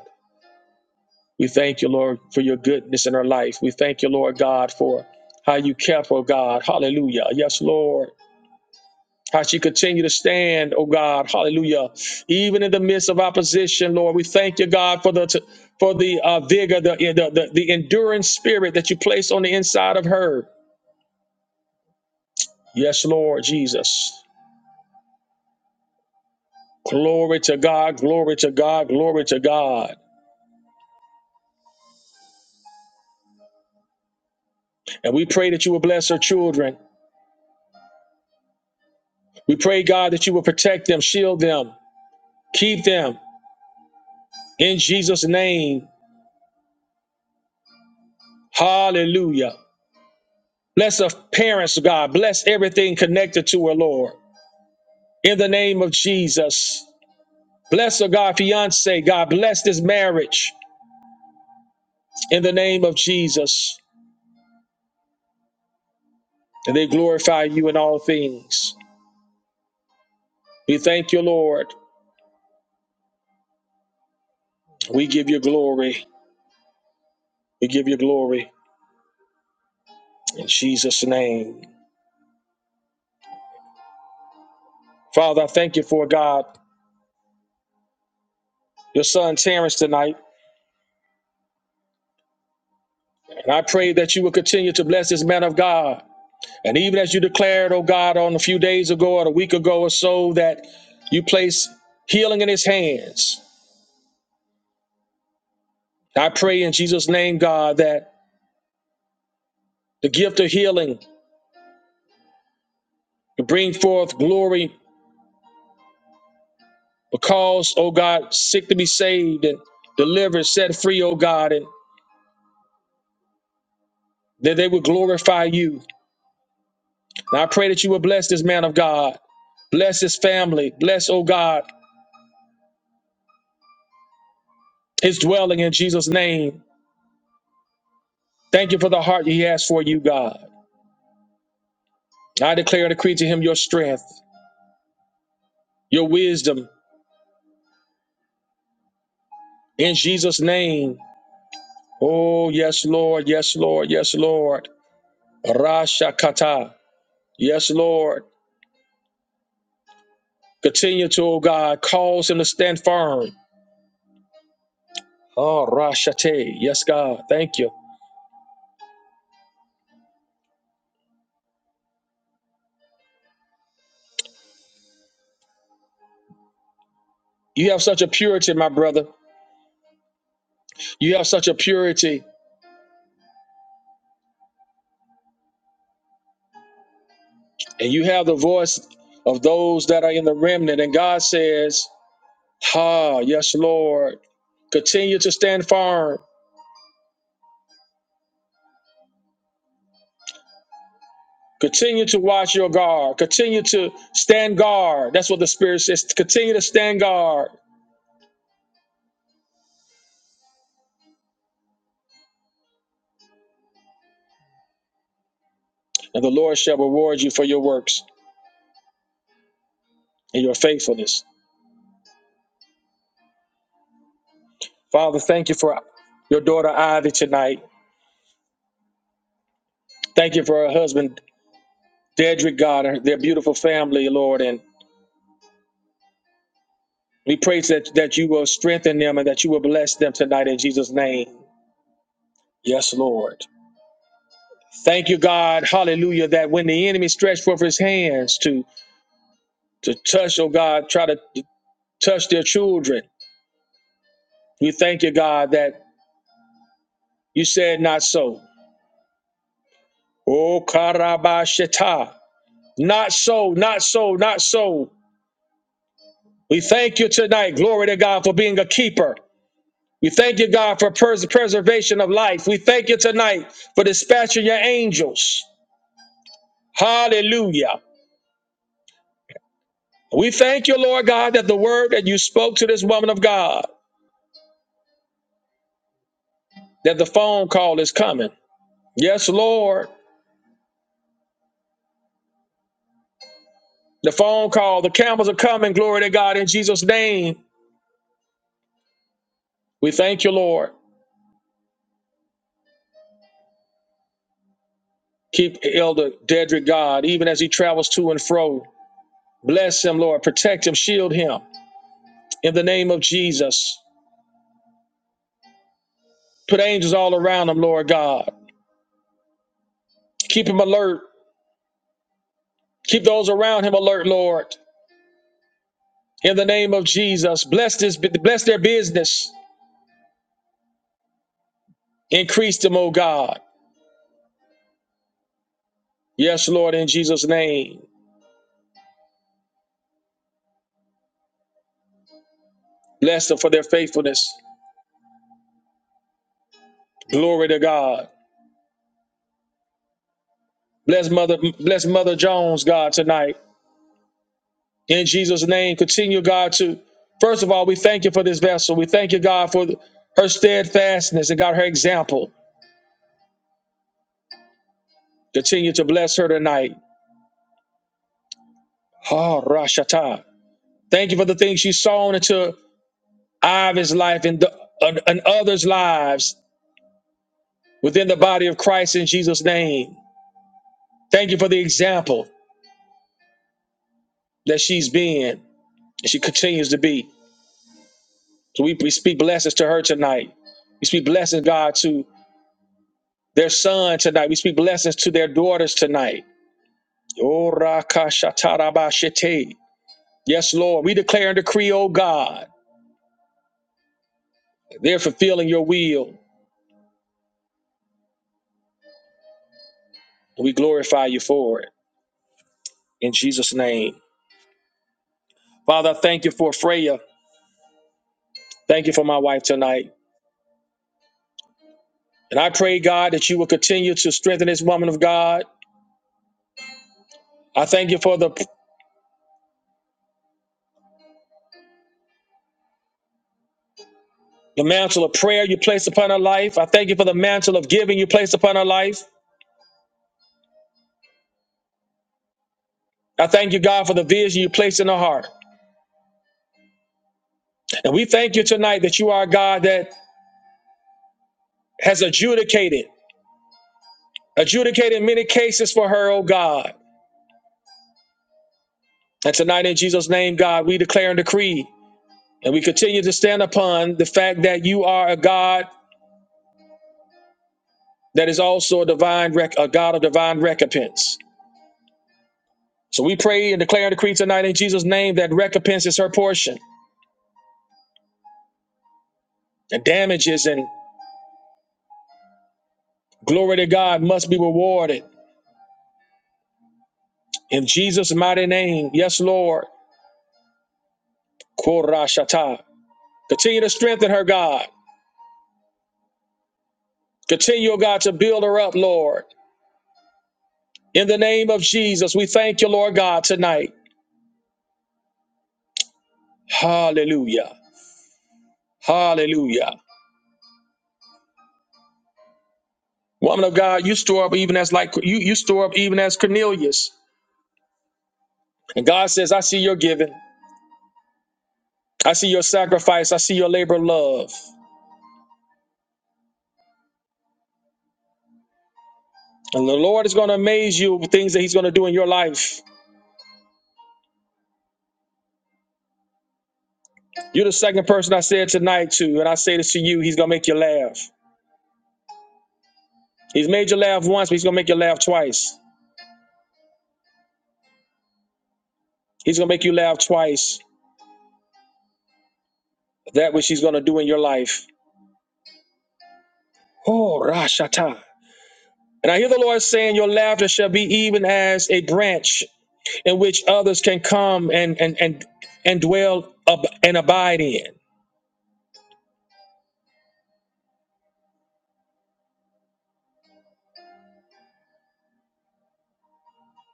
B: We thank you, Lord, for your goodness in our life. We thank you, Lord God, for how you kept, oh God. Hallelujah. Yes, Lord. How she continue to stand, oh God. Hallelujah. Even in the midst of opposition, Lord, we thank you, God, for the for the uh, vigor, the, the the the enduring spirit that you placed on the inside of her. Yes, Lord Jesus. Glory to God, glory to God, glory to God. And we pray that you will bless her children. We pray, God, that you will protect them, shield them, keep them. In Jesus' name, hallelujah. Bless our parents, God. Bless everything connected to her, Lord. In the name of Jesus. Bless her, God, fiance. God, bless this marriage. In the name of Jesus. And they glorify you in all things. We thank you, Lord. We give you glory. We give you glory in Jesus' name. Father, I thank you for God, your son Terrence tonight. And I pray that you will continue to bless this man of God. And even as you declared, oh God, on a few days ago or a week ago or so, that you place healing in his hands. I pray in Jesus' name, God, that the gift of healing will bring forth glory because, oh God, sick to be saved and delivered, set free, oh God, and that they will glorify you. And I pray that you will bless this man of God, bless his family, bless, oh God, his dwelling in Jesus' name. Thank you for the heart he has for you, God. I declare and decree to him your strength. your wisdom in Jesus' name. Oh, yes, Lord. Yes, Lord. Yes, Lord. Rasha kata. Yes, Lord. Continue to, oh God, cause him to stand firm. Oh, Rashate. Yes, God. Thank you. You have such a purity, my brother. You have such a purity, and you have the voice of those that are in the remnant. And God says, Ha, yes, Lord. Continue to stand firm. Continue to watch your guard. Continue to stand guard. That's what the Spirit says. Continue to stand guard. And the Lord shall reward you for your works and your faithfulness. Father, thank you for your daughter Ivy tonight. Thank you for her husband, Dedrick God, and their beautiful family, Lord. And we pray that, that you will strengthen them and that you will bless them tonight in Jesus' name. Yes, Lord. Thank you, God. Hallelujah. That when the enemy stretched forth his hands to, to touch, oh God, try to touch their children We thank you, God, that you said not so. Oh, Karabashita. Not so, not so, not so. We thank you tonight, glory to God, for being a keeper. We thank you, God, for pres- preservation of life. We thank you tonight for dispatching your angels. Hallelujah. We thank you, Lord God, that the word that you spoke to this woman of God, that the phone call is coming. Yes, Lord. The phone call, the camels are coming. Glory to God in Jesus' name. We thank you, Lord. Keep Elder Dedrick God, even as he travels to and fro. Bless him, Lord. Protect him. Shield him. In the name of Jesus. Put angels all around him, Lord God. Keep him alert. Keep those around him alert, Lord. In the name of Jesus. Bless this bless their business. Increase them, O God. Yes, Lord, in Jesus' name. Bless them for their faithfulness. Glory to God. Bless Mother, bless Mother Jones, God, tonight. In Jesus' name, continue, God, to first of all, we thank you for this vessel. We thank you, God, for her steadfastness and God, her example. Continue to bless her tonight. Ah, Rashata. Thank you for the things she's sown into Ivan's life and, the, and, and others' lives within the body of Christ in Jesus' name. Thank you for the example that she's been and she continues to be. So we, we speak blessings to her tonight. We speak blessings, God, to their son tonight. We speak blessings to their daughters tonight. Yorakashatarabashite. Yes, Lord, we declare and decree, O God, they're fulfilling your will. We glorify you for it. In Jesus' name. Father, I thank you for Freya. Thank you for my wife tonight. And I pray, God, that you will continue to strengthen this woman of God. I thank you for the, the mantle of prayer you placed upon her life. I thank you for the mantle of giving you placed upon her life. I thank you, God, for the vision you placed in her heart. And we thank you tonight that you are a God that has adjudicated Adjudicate in many cases for her, O God. And tonight, in Jesus' name, God, we declare and decree, and we continue to stand upon the fact that you are a God that is also a divine, rec- a God of divine recompense. So we pray and declare and decree tonight in Jesus' name that recompense is her portion, and damages and glory to God must be rewarded in Jesus' mighty name. Yes, Lord. Korashata. Continue to strengthen her, God. Continue, O God, to build her up, Lord. In the name of Jesus, we thank you, Lord God, tonight. Hallelujah. Hallelujah. Woman of God, you store up even as like you, you store up even as Cornelius. And God says, I see your giving. I see your sacrifice. I see your labor of love. And the Lord is going to amaze you with things that He's going to do in your life. You're the second person I said tonight to, and I say this to you, He's going to make you laugh. He's made you laugh once, but He's going to make you laugh twice. He's going to make you laugh twice. That which He's going to do in your life. Oh, Rashata. And I hear the Lord saying, Your laughter shall be even as a branch in which others can come and and and, and dwell up and abide in.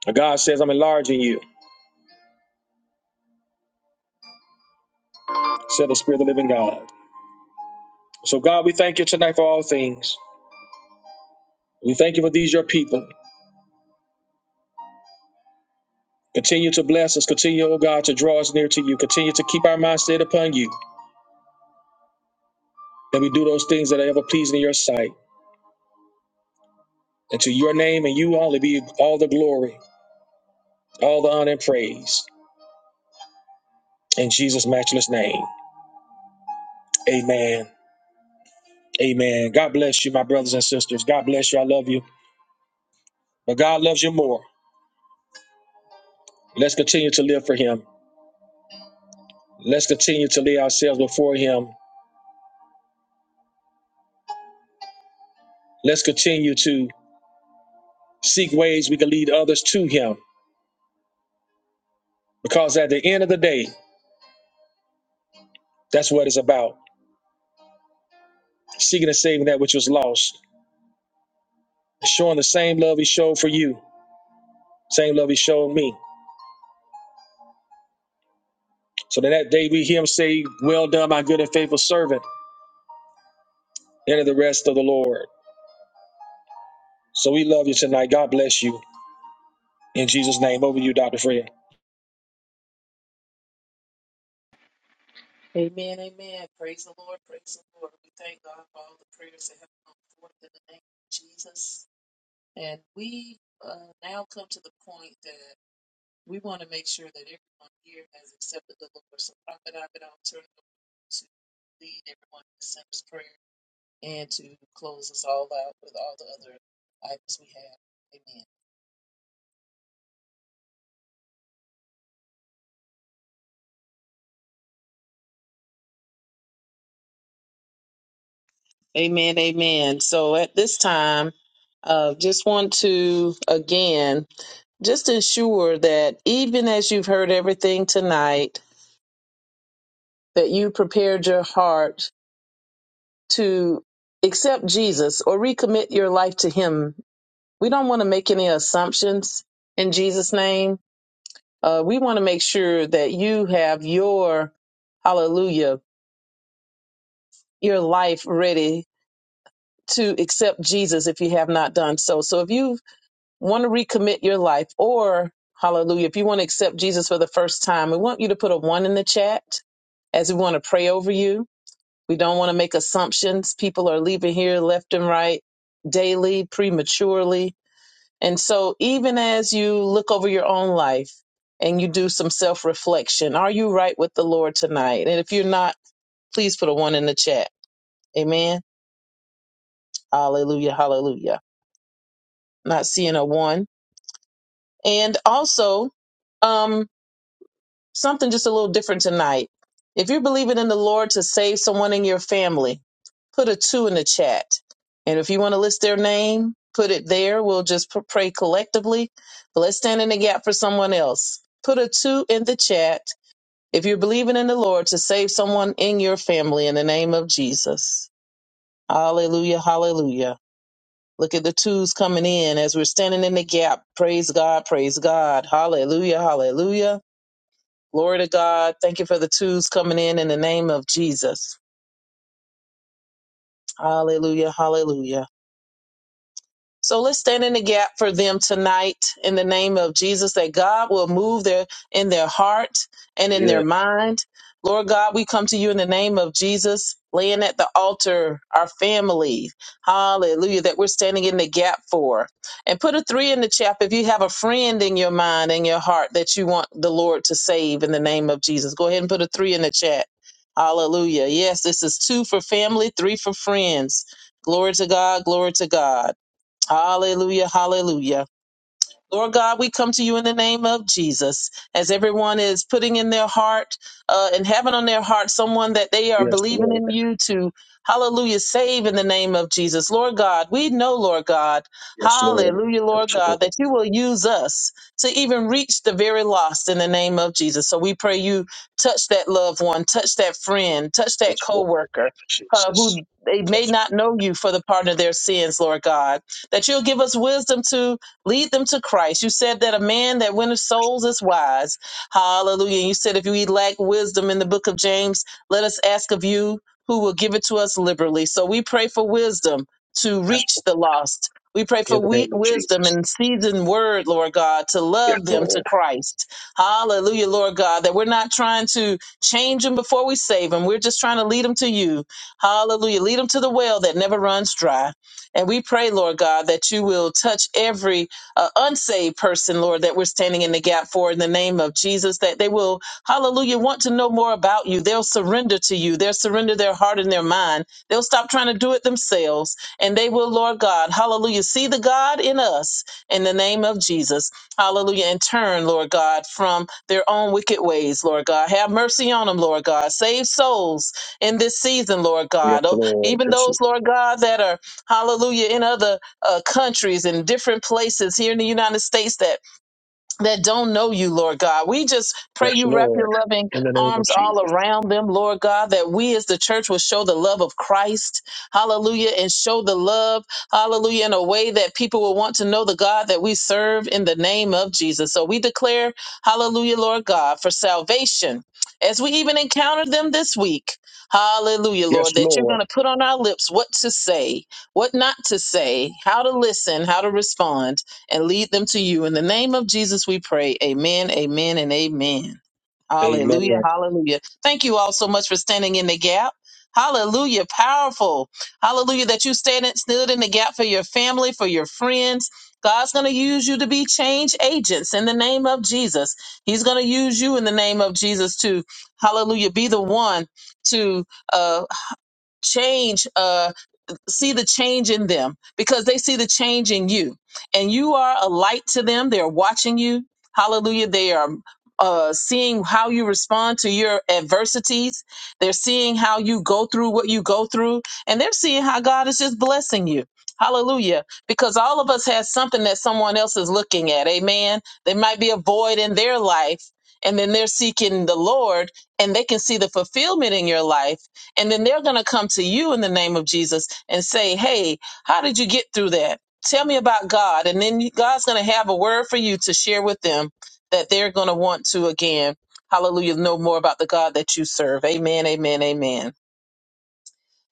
B: And God says, I'm enlarging you, said the Spirit of the living God. So, God, we thank you tonight for all things. We thank you for these, your people. Continue to bless us. Continue, oh God, to draw us near to you. Continue to keep our mind set upon you, that we do those things that are ever pleasing in your sight. And to your name and you only be all the glory, all the honor and praise. In Jesus' matchless name, amen Amen. God bless you, my brothers and sisters. God bless you. I love you. But God loves you more. Let's continue to live for Him. Let's continue to lay ourselves before Him. Let's continue to seek ways we can lead others to Him. Because at the end of the day, that's what it's about seeking and saving that which was lost, showing the same love He showed for you, same love He showed me. So that, that day we hear Him say, Well done, my good and faithful servant, enter the rest of the Lord. So we love you tonight. God bless you. In Jesus' name, over to you, Dr. Fred.
A: Amen, amen. Praise the Lord, praise the Lord. We thank God for all the prayers that have come forth in the name of Jesus. And we uh, now come to the point that we want to make sure that everyone here has accepted the Lord. So, Prophet Abedon, turn it over to lead everyone in the sinner's prayer and to close us all out with all the other items we have. Amen. Amen, amen. So at this time, uh, just want to again just ensure that even as you've heard everything tonight, that you prepared your heart to accept Jesus or recommit your life to Him. We don't want to make any assumptions in Jesus' name. Uh, we want to make sure that you have your hallelujah, your life ready to accept Jesus if you have not done so. So if you want to recommit your life or hallelujah if you want to accept jesus for the first time we want you to put a one in the chat as we want to pray over you we don't want to make assumptions people are leaving here left and right daily prematurely and so even as you look over your own life and you do some self-reflection are you right with the lord tonight and if you're not please put a one in the chat amen hallelujah hallelujah not seeing a one and also um. something just a little different tonight. If you're believing in the Lord to save someone in your family, put a two in the chat. And if you want to list their name, put it there. We'll just pr- pray collectively. But let's stand in the gap for someone else. Put a two in the chat if you're believing in the Lord to save someone in your family in the name of Jesus. Hallelujah, hallelujah. Look at the twos coming in as we're standing in the gap. Praise God, praise God. Hallelujah, hallelujah. Glory to God. Thank you for the twos coming in in the name of Jesus. Hallelujah. Hallelujah. So let's stand in the gap for them tonight in the name of Jesus that God will move their in their heart and in their mind. Lord God, we come to you in the name of Jesus, laying at the altar our family. Hallelujah, that we're standing in the gap for. And put a three in the chat if you have a friend in your mind and your heart that you want the Lord to save in the name of Jesus. Go ahead and put a three in the chat. Hallelujah. Yes, this is two for family, three for friends. Glory to God, glory to God. Hallelujah, hallelujah. Lord God, we come to you in the name of Jesus. As everyone is putting in their heart uh, and having on their heart someone that they are
B: Yes,
A: believing
B: Lord.
A: in you to, hallelujah, save in the name of Jesus. Lord God, we know, Lord God,
B: Yes, Lord.
A: hallelujah, Lord
B: Yes,
A: God,
B: Lord.
A: that you will use us to even reach the very lost in the name of Jesus. So we pray you touch that loved one, touch that friend, touch that
B: Yes, Lord. In the
A: coworker.
B: name of
A: Uh,
B: Jesus.
A: who they may
B: Yes,
A: not know you for the pardon of their sins, Lord God, that you'll give us wisdom to Lead them to Christ. You said that a man that winneth souls is wise. Hallelujah. you said if we lack wisdom in the book of James, let us ask of you who will give it to us liberally. So we pray for wisdom to
B: yes,
A: reach
B: Lord.
A: the lost. We pray for
B: In the
A: we-
B: name of
A: wisdom
B: Jesus.
A: and seasoned word, Lord God, to
B: Yes,
A: love them to
B: Lord.
A: Christ. Hallelujah, Lord God, that we're not trying to change them before we save them. We're just trying to lead them to you. Hallelujah. Lead them to the well that never runs dry. And we pray, Lord God, that you will touch every uh, unsaved person, Lord, that we're standing in the gap for in the name of Jesus, that they will, hallelujah, want to know more about you. They'll surrender to you. They'll surrender their heart and their mind. They'll stop trying to do it themselves. And they will, Lord God, hallelujah, see the God in us in the name of Jesus. Hallelujah. And turn, Lord God, from their own wicked ways, Lord God. Have mercy on them, Lord God. Save souls in this season, Lord
B: Yes,
A: God. Oh,
B: Lord.
A: even those, Lord God, that are, hallelujah, in other uh, countries and different places here in the United States that that don't know you, Lord God. We just
B: Yes,
A: pray
B: yes,
A: you wrap your
B: Lord.
A: loving
B: In the name of
A: arms all
B: Jesus.
A: around them, Lord God, that we as the church will show the love of Christ, hallelujah, and show the love, hallelujah, in a way that people will want to know the God that we serve in the name of Jesus. So we declare, hallelujah, Lord God, for salvation as we even encounter them this week. Hallelujah,
B: Yes,
A: Lord, that you're going
B: Lord.
A: to put on our lips what to say, what not to say, how to listen, how to respond and lead them to you. In the name of Jesus, we pray. Amen, amen, and amen.
B: Amen.
A: Hallelujah, hallelujah. Thank you all so much for standing in the gap. Hallelujah, powerful. Hallelujah, that you stand in- stood in the gap for your family, for your friends. God's going to use you to be change agents in the name of Jesus. He's going to use you in the name of Jesus to, hallelujah, be the one to uh, change. Uh, see the change in them because they see the change in you. And you are a light to them. They're watching you. Hallelujah. They are uh, seeing how you respond to your adversities. They're seeing how you go through what you go through. And they're seeing how God is just blessing you. Hallelujah. Because all of us have something that someone else is looking at. Amen. There might be a void in their life. And then they're seeking the Lord and they can see the fulfillment in your life and then they're going to come to you in the name of Jesus and say, Hey, how did you get through that? Tell me about God. And then you- God's going to have a word for you to share with them that they're going to want to again. Hallelujah. Know more about the God that you serve. Amen. Amen. Amen.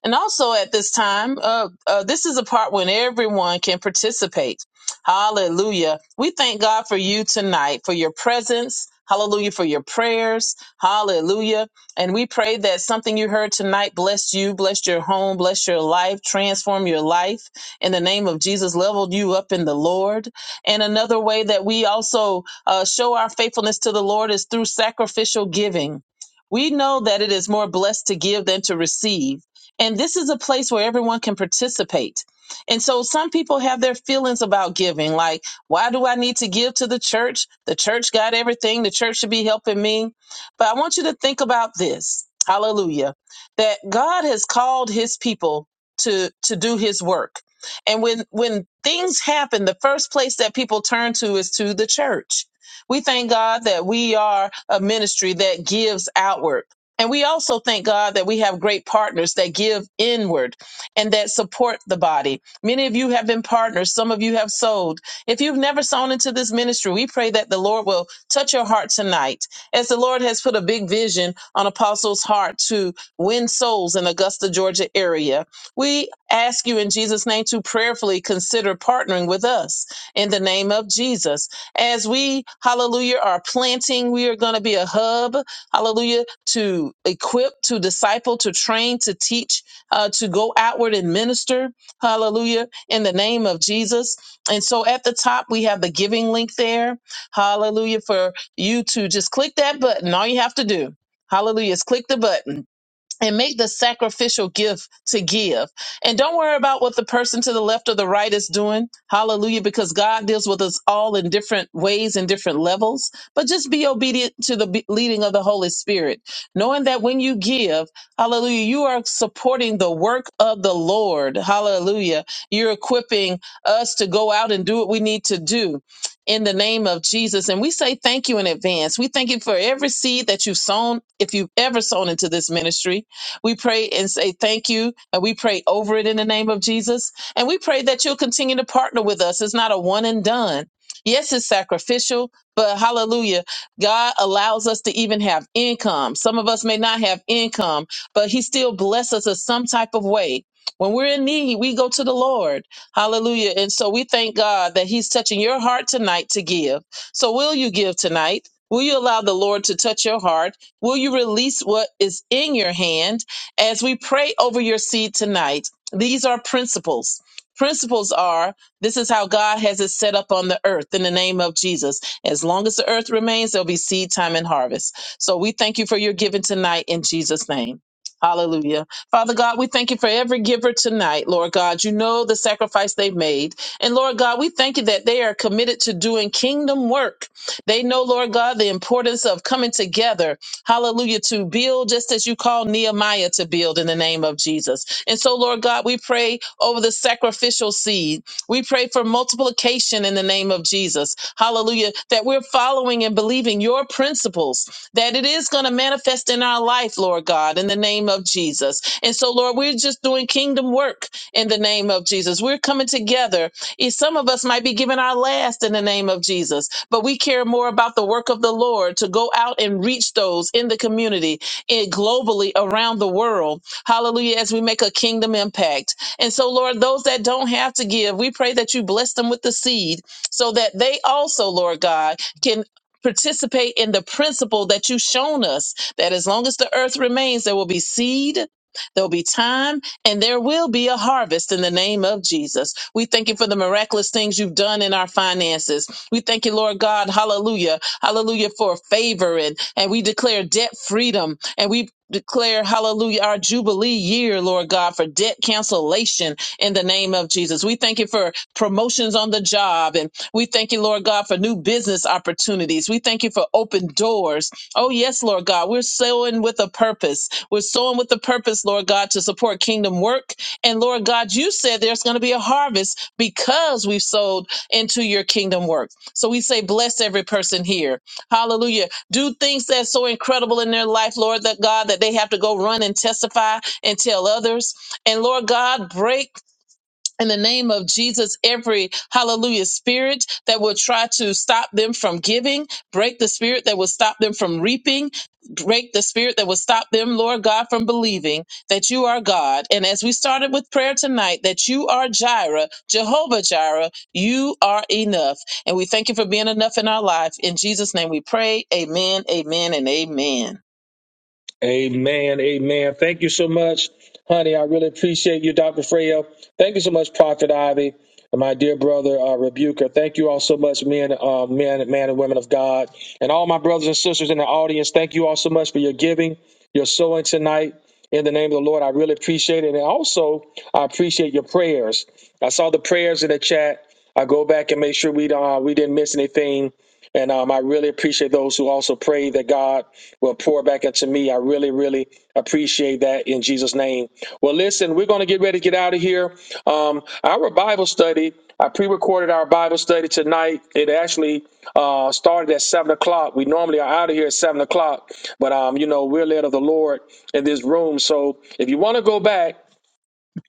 A: And also at this time, uh, uh, this is a part when everyone can participate. Hallelujah. We thank God for you tonight, for your presence. Hallelujah for your prayers. Hallelujah. And we pray that something you heard tonight blessed you, blessed your home, blessed your life, transform your life in the name of Jesus, leveled you up in the Lord. And another way that we also uh, show our faithfulness to the Lord is through sacrificial giving. We know that it is more blessed to give than to receive. And this is a place where everyone can participate. And so some people have their feelings about giving, like, why do I need to give to the church? The church got everything, the church should be helping me. But I want you to think about this hallelujah that God has called his people to, to do his work. And when, when things happen, the first place that people turn to is to the church. We thank God that we are a ministry that gives outward. And we also thank God that we have great partners that give inward and that support the body. Many of you have been partners. Some of you have sold. If you've never sown into this ministry, we pray that the Lord will touch your heart tonight. As the Lord has put a big vision on Apostle's heart to win souls in Augusta, Georgia area, we ask you in Jesus' name to prayerfully consider partnering with us in the name of Jesus. As we, hallelujah, are planting, we are going to be a hub hallelujah, to equip, to disciple, to train, to teach, uh, to go outward and minister, hallelujah, in the name of Jesus. And so at the top, we have the giving link there, hallelujah, for you to just click that button. All you have to do, hallelujah, is click the button and make the sacrificial gift to give. And don't worry about what the person to the left or the right is doing. Hallelujah, because God deals with us all in different ways and different levels. But just be obedient to the be- leading of the Holy Spirit, knowing that when you give, hallelujah, you are supporting the work of the Lord. Hallelujah. You're equipping us to go out and do what we need to do. In the name of Jesus. And we say thank you in advance. We thank you for every seed that you've sown, if you've ever sown into this ministry. We pray and say thank you, and we pray over it in the name of Jesus. And we pray that you'll continue to partner with us. It's not a one and done. Yes, it's sacrificial, but hallelujah, God allows us to even have income. Some of us may not have income, but He still blesses us in some type of way. When we're in need, we go to the Lord. Hallelujah. And so we thank God that He's touching your heart tonight to give. So, will you give tonight? Will you allow the Lord to touch your heart? Will you release what is in your hand? As we pray over your seed tonight, these are principles. Principles are this is how God has it set up on the earth in the name of Jesus. As long as the earth remains, there'll be seed time and harvest. So we thank you for your giving tonight in Jesus' name. Hallelujah. Father God, we thank you for every giver tonight, Lord God. You know the sacrifice they've made. And Lord God, we thank you that they are committed to doing kingdom work. They know, Lord God, the importance of coming together Hallelujah. To build just as you call Nehemiah to build in the name of Jesus. And so, Lord God, we pray over the sacrificial seed. We pray for multiplication in the name of Jesus. Hallelujah. That we're following and believing your principles, that it is going to manifest in our life, Lord God, in the name of Jesus. And so, Lord, we're just doing kingdom work in the name of Jesus. We're coming together Eh, Some of us might be giving our last in the name of Jesus, but we care more about the work of the Lord to go out and reach those in the community, and globally around the world. Hallelujah, as we make a kingdom impact. And so, Lord, those that don't have to give, we pray that you bless them with the seed so that they also, Lord God, can participate in the principle that you've shown us that as long as the earth remains, there will be seed. There'll be time and there will be a harvest in the name of Jesus. We thank you for the miraculous things you've done in our finances. We thank you, Lord God, hallelujah, hallelujah, for favor and, and we declare debt freedom and we declare hallelujah our jubilee year lord god for debt cancellation in the name of jesus we thank you for promotions on the job and we thank you lord god for new business opportunities we thank you for open doors oh yes lord god we're sowing with a purpose we're sowing with the purpose, Lord God, to support kingdom work. And Lord God, you said there's going to be a harvest because we've sowed into your kingdom work. So we say, bless every person here. Hallelujah. Do things that's so incredible in their life, Lord, that God, that they have to go run and testify and tell others. And Lord God, break in the name of Jesus, every hallelujah spirit that will try to stop them from giving, break the spirit that will stop them from reaping, break the spirit that will stop them, Lord God, from believing that you are God. And as we started with prayer tonight, that you are Jireh, Jehovah Jireh, you are enough. And we thank you for being enough in our life. In Jesus' name we pray. Amen, amen, and amen.
B: Amen. Amen. Thank you so much, honey. I really appreciate you, Dr. Freyo. Thank you so much, Prophet Ivy, and my dear brother, uh, Rebuker. Thank you all so much, men, uh, men, man and women of God. And all my brothers and sisters in the audience, thank you all so much for your giving, your sowing tonight. In the name of the Lord, I really appreciate it. And also, I appreciate your prayers. I saw the prayers in the chat. I go back and make sure we, uh, we didn't miss anything. And um, I really appreciate those who also pray that God will pour back into me. I really, really appreciate that in Jesus' name. Well, listen, we're going to get ready to get out of here. Um, our Bible study, I pre recorded our Bible study tonight. It actually uh, started at 7 o'clock. We normally are out of here at 7 o'clock, but, um, you know, we're led of the Lord in this room. So if you want to go back,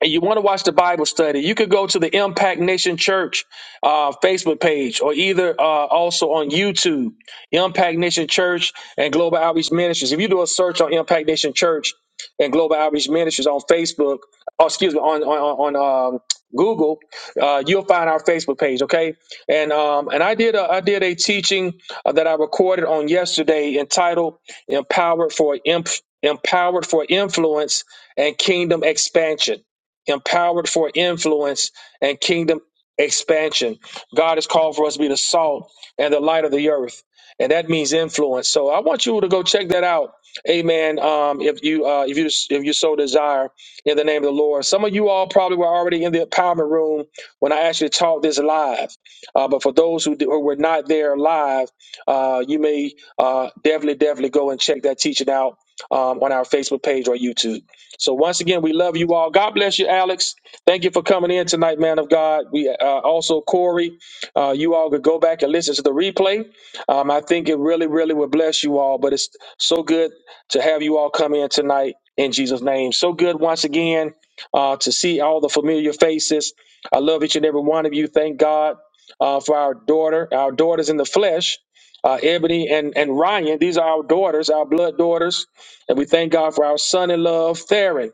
B: and you want to watch the Bible study, you could go to the Impact Nation Church uh, Facebook page or either uh, also on YouTube, Impact Nation Church and Global Outreach Ministries. If you do a search on Impact Nation Church and Global Outreach Ministries on Facebook, or excuse me, on on, on um, Google, uh, you'll find our Facebook page. Okay, and um, and I did a, I did a teaching uh, that I recorded on yesterday entitled "Empowered for Imp- Empowered for Influence and Kingdom Expansion." empowered for influence and kingdom expansion. God has called for us to be the salt and the light of the earth, and that means influence. So I want you to go check that out. Amen. Um, if you uh, if you if you so desire, in the name of the Lord. Some of you all probably were already in the empowerment room when I actually taught this live. Uh, but for those who, do, who were not there live, uh, you may uh, definitely definitely go and check that teaching out um, on our Facebook page or YouTube. So once again, we love you all. God bless you, Alex. Thank you for coming in tonight, man of God. We uh, also Corey, uh, you all could go back and listen to the replay. Um, I think it really, really will bless you all. But it's so good to have you all come in tonight in Jesus' name. So good once again uh, to see all the familiar faces. I love each and every one of you. Thank God uh, for our daughter, our daughters in the flesh, uh, Ebony and and Ryan. These are our daughters, our blood daughters and we thank God for our son in love, Theron.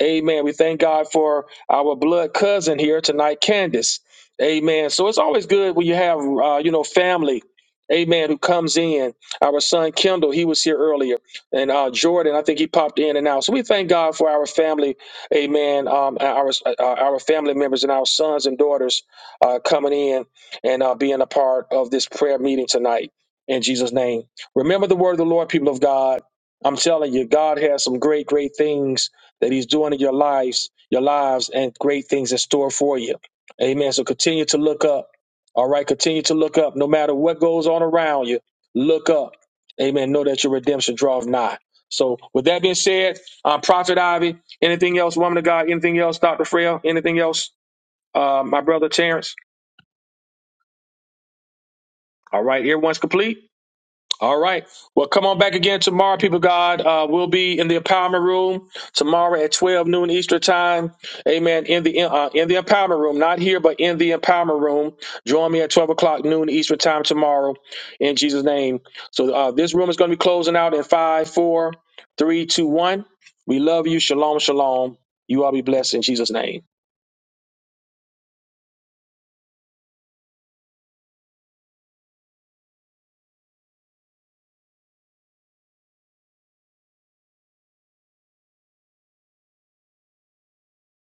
B: Amen. We thank God for our blood cousin here tonight, Candace. Amen. So it's always good when you have, uh, you know, family. Amen. Who comes in? Our son Kendall, he was here earlier, and uh, Jordan, I think he popped in and out. So we thank God for our family, Amen. Um, our uh, uh, our family members and our sons and daughters uh, coming in and uh, being a part of this prayer meeting tonight. In Jesus' name, remember the word of the Lord, people of God. I'm telling you, God has some great, great things that He's doing in your lives, your lives, and great things in store for you. Amen. So continue to look up. All right, continue to look up. No matter what goes on around you, look up. Amen. Know that your redemption draweth nigh. So, with that being said, um, Prophet Ivy, anything else, woman of God? Anything else, Doctor Frail? Anything else, uh, my brother Terrence? All right, everyone's complete. All right. Well, come on back again tomorrow, people. of God, uh, we'll be in the empowerment room tomorrow at twelve noon Eastern time. Amen. In the uh, in the empowerment room, not here, but in the empowerment room. Join me at twelve o'clock noon Eastern time tomorrow, in Jesus' name. So uh, this room is going to be closing out in five, four, three, two, one. We love you. Shalom, shalom. You all be blessed in Jesus' name.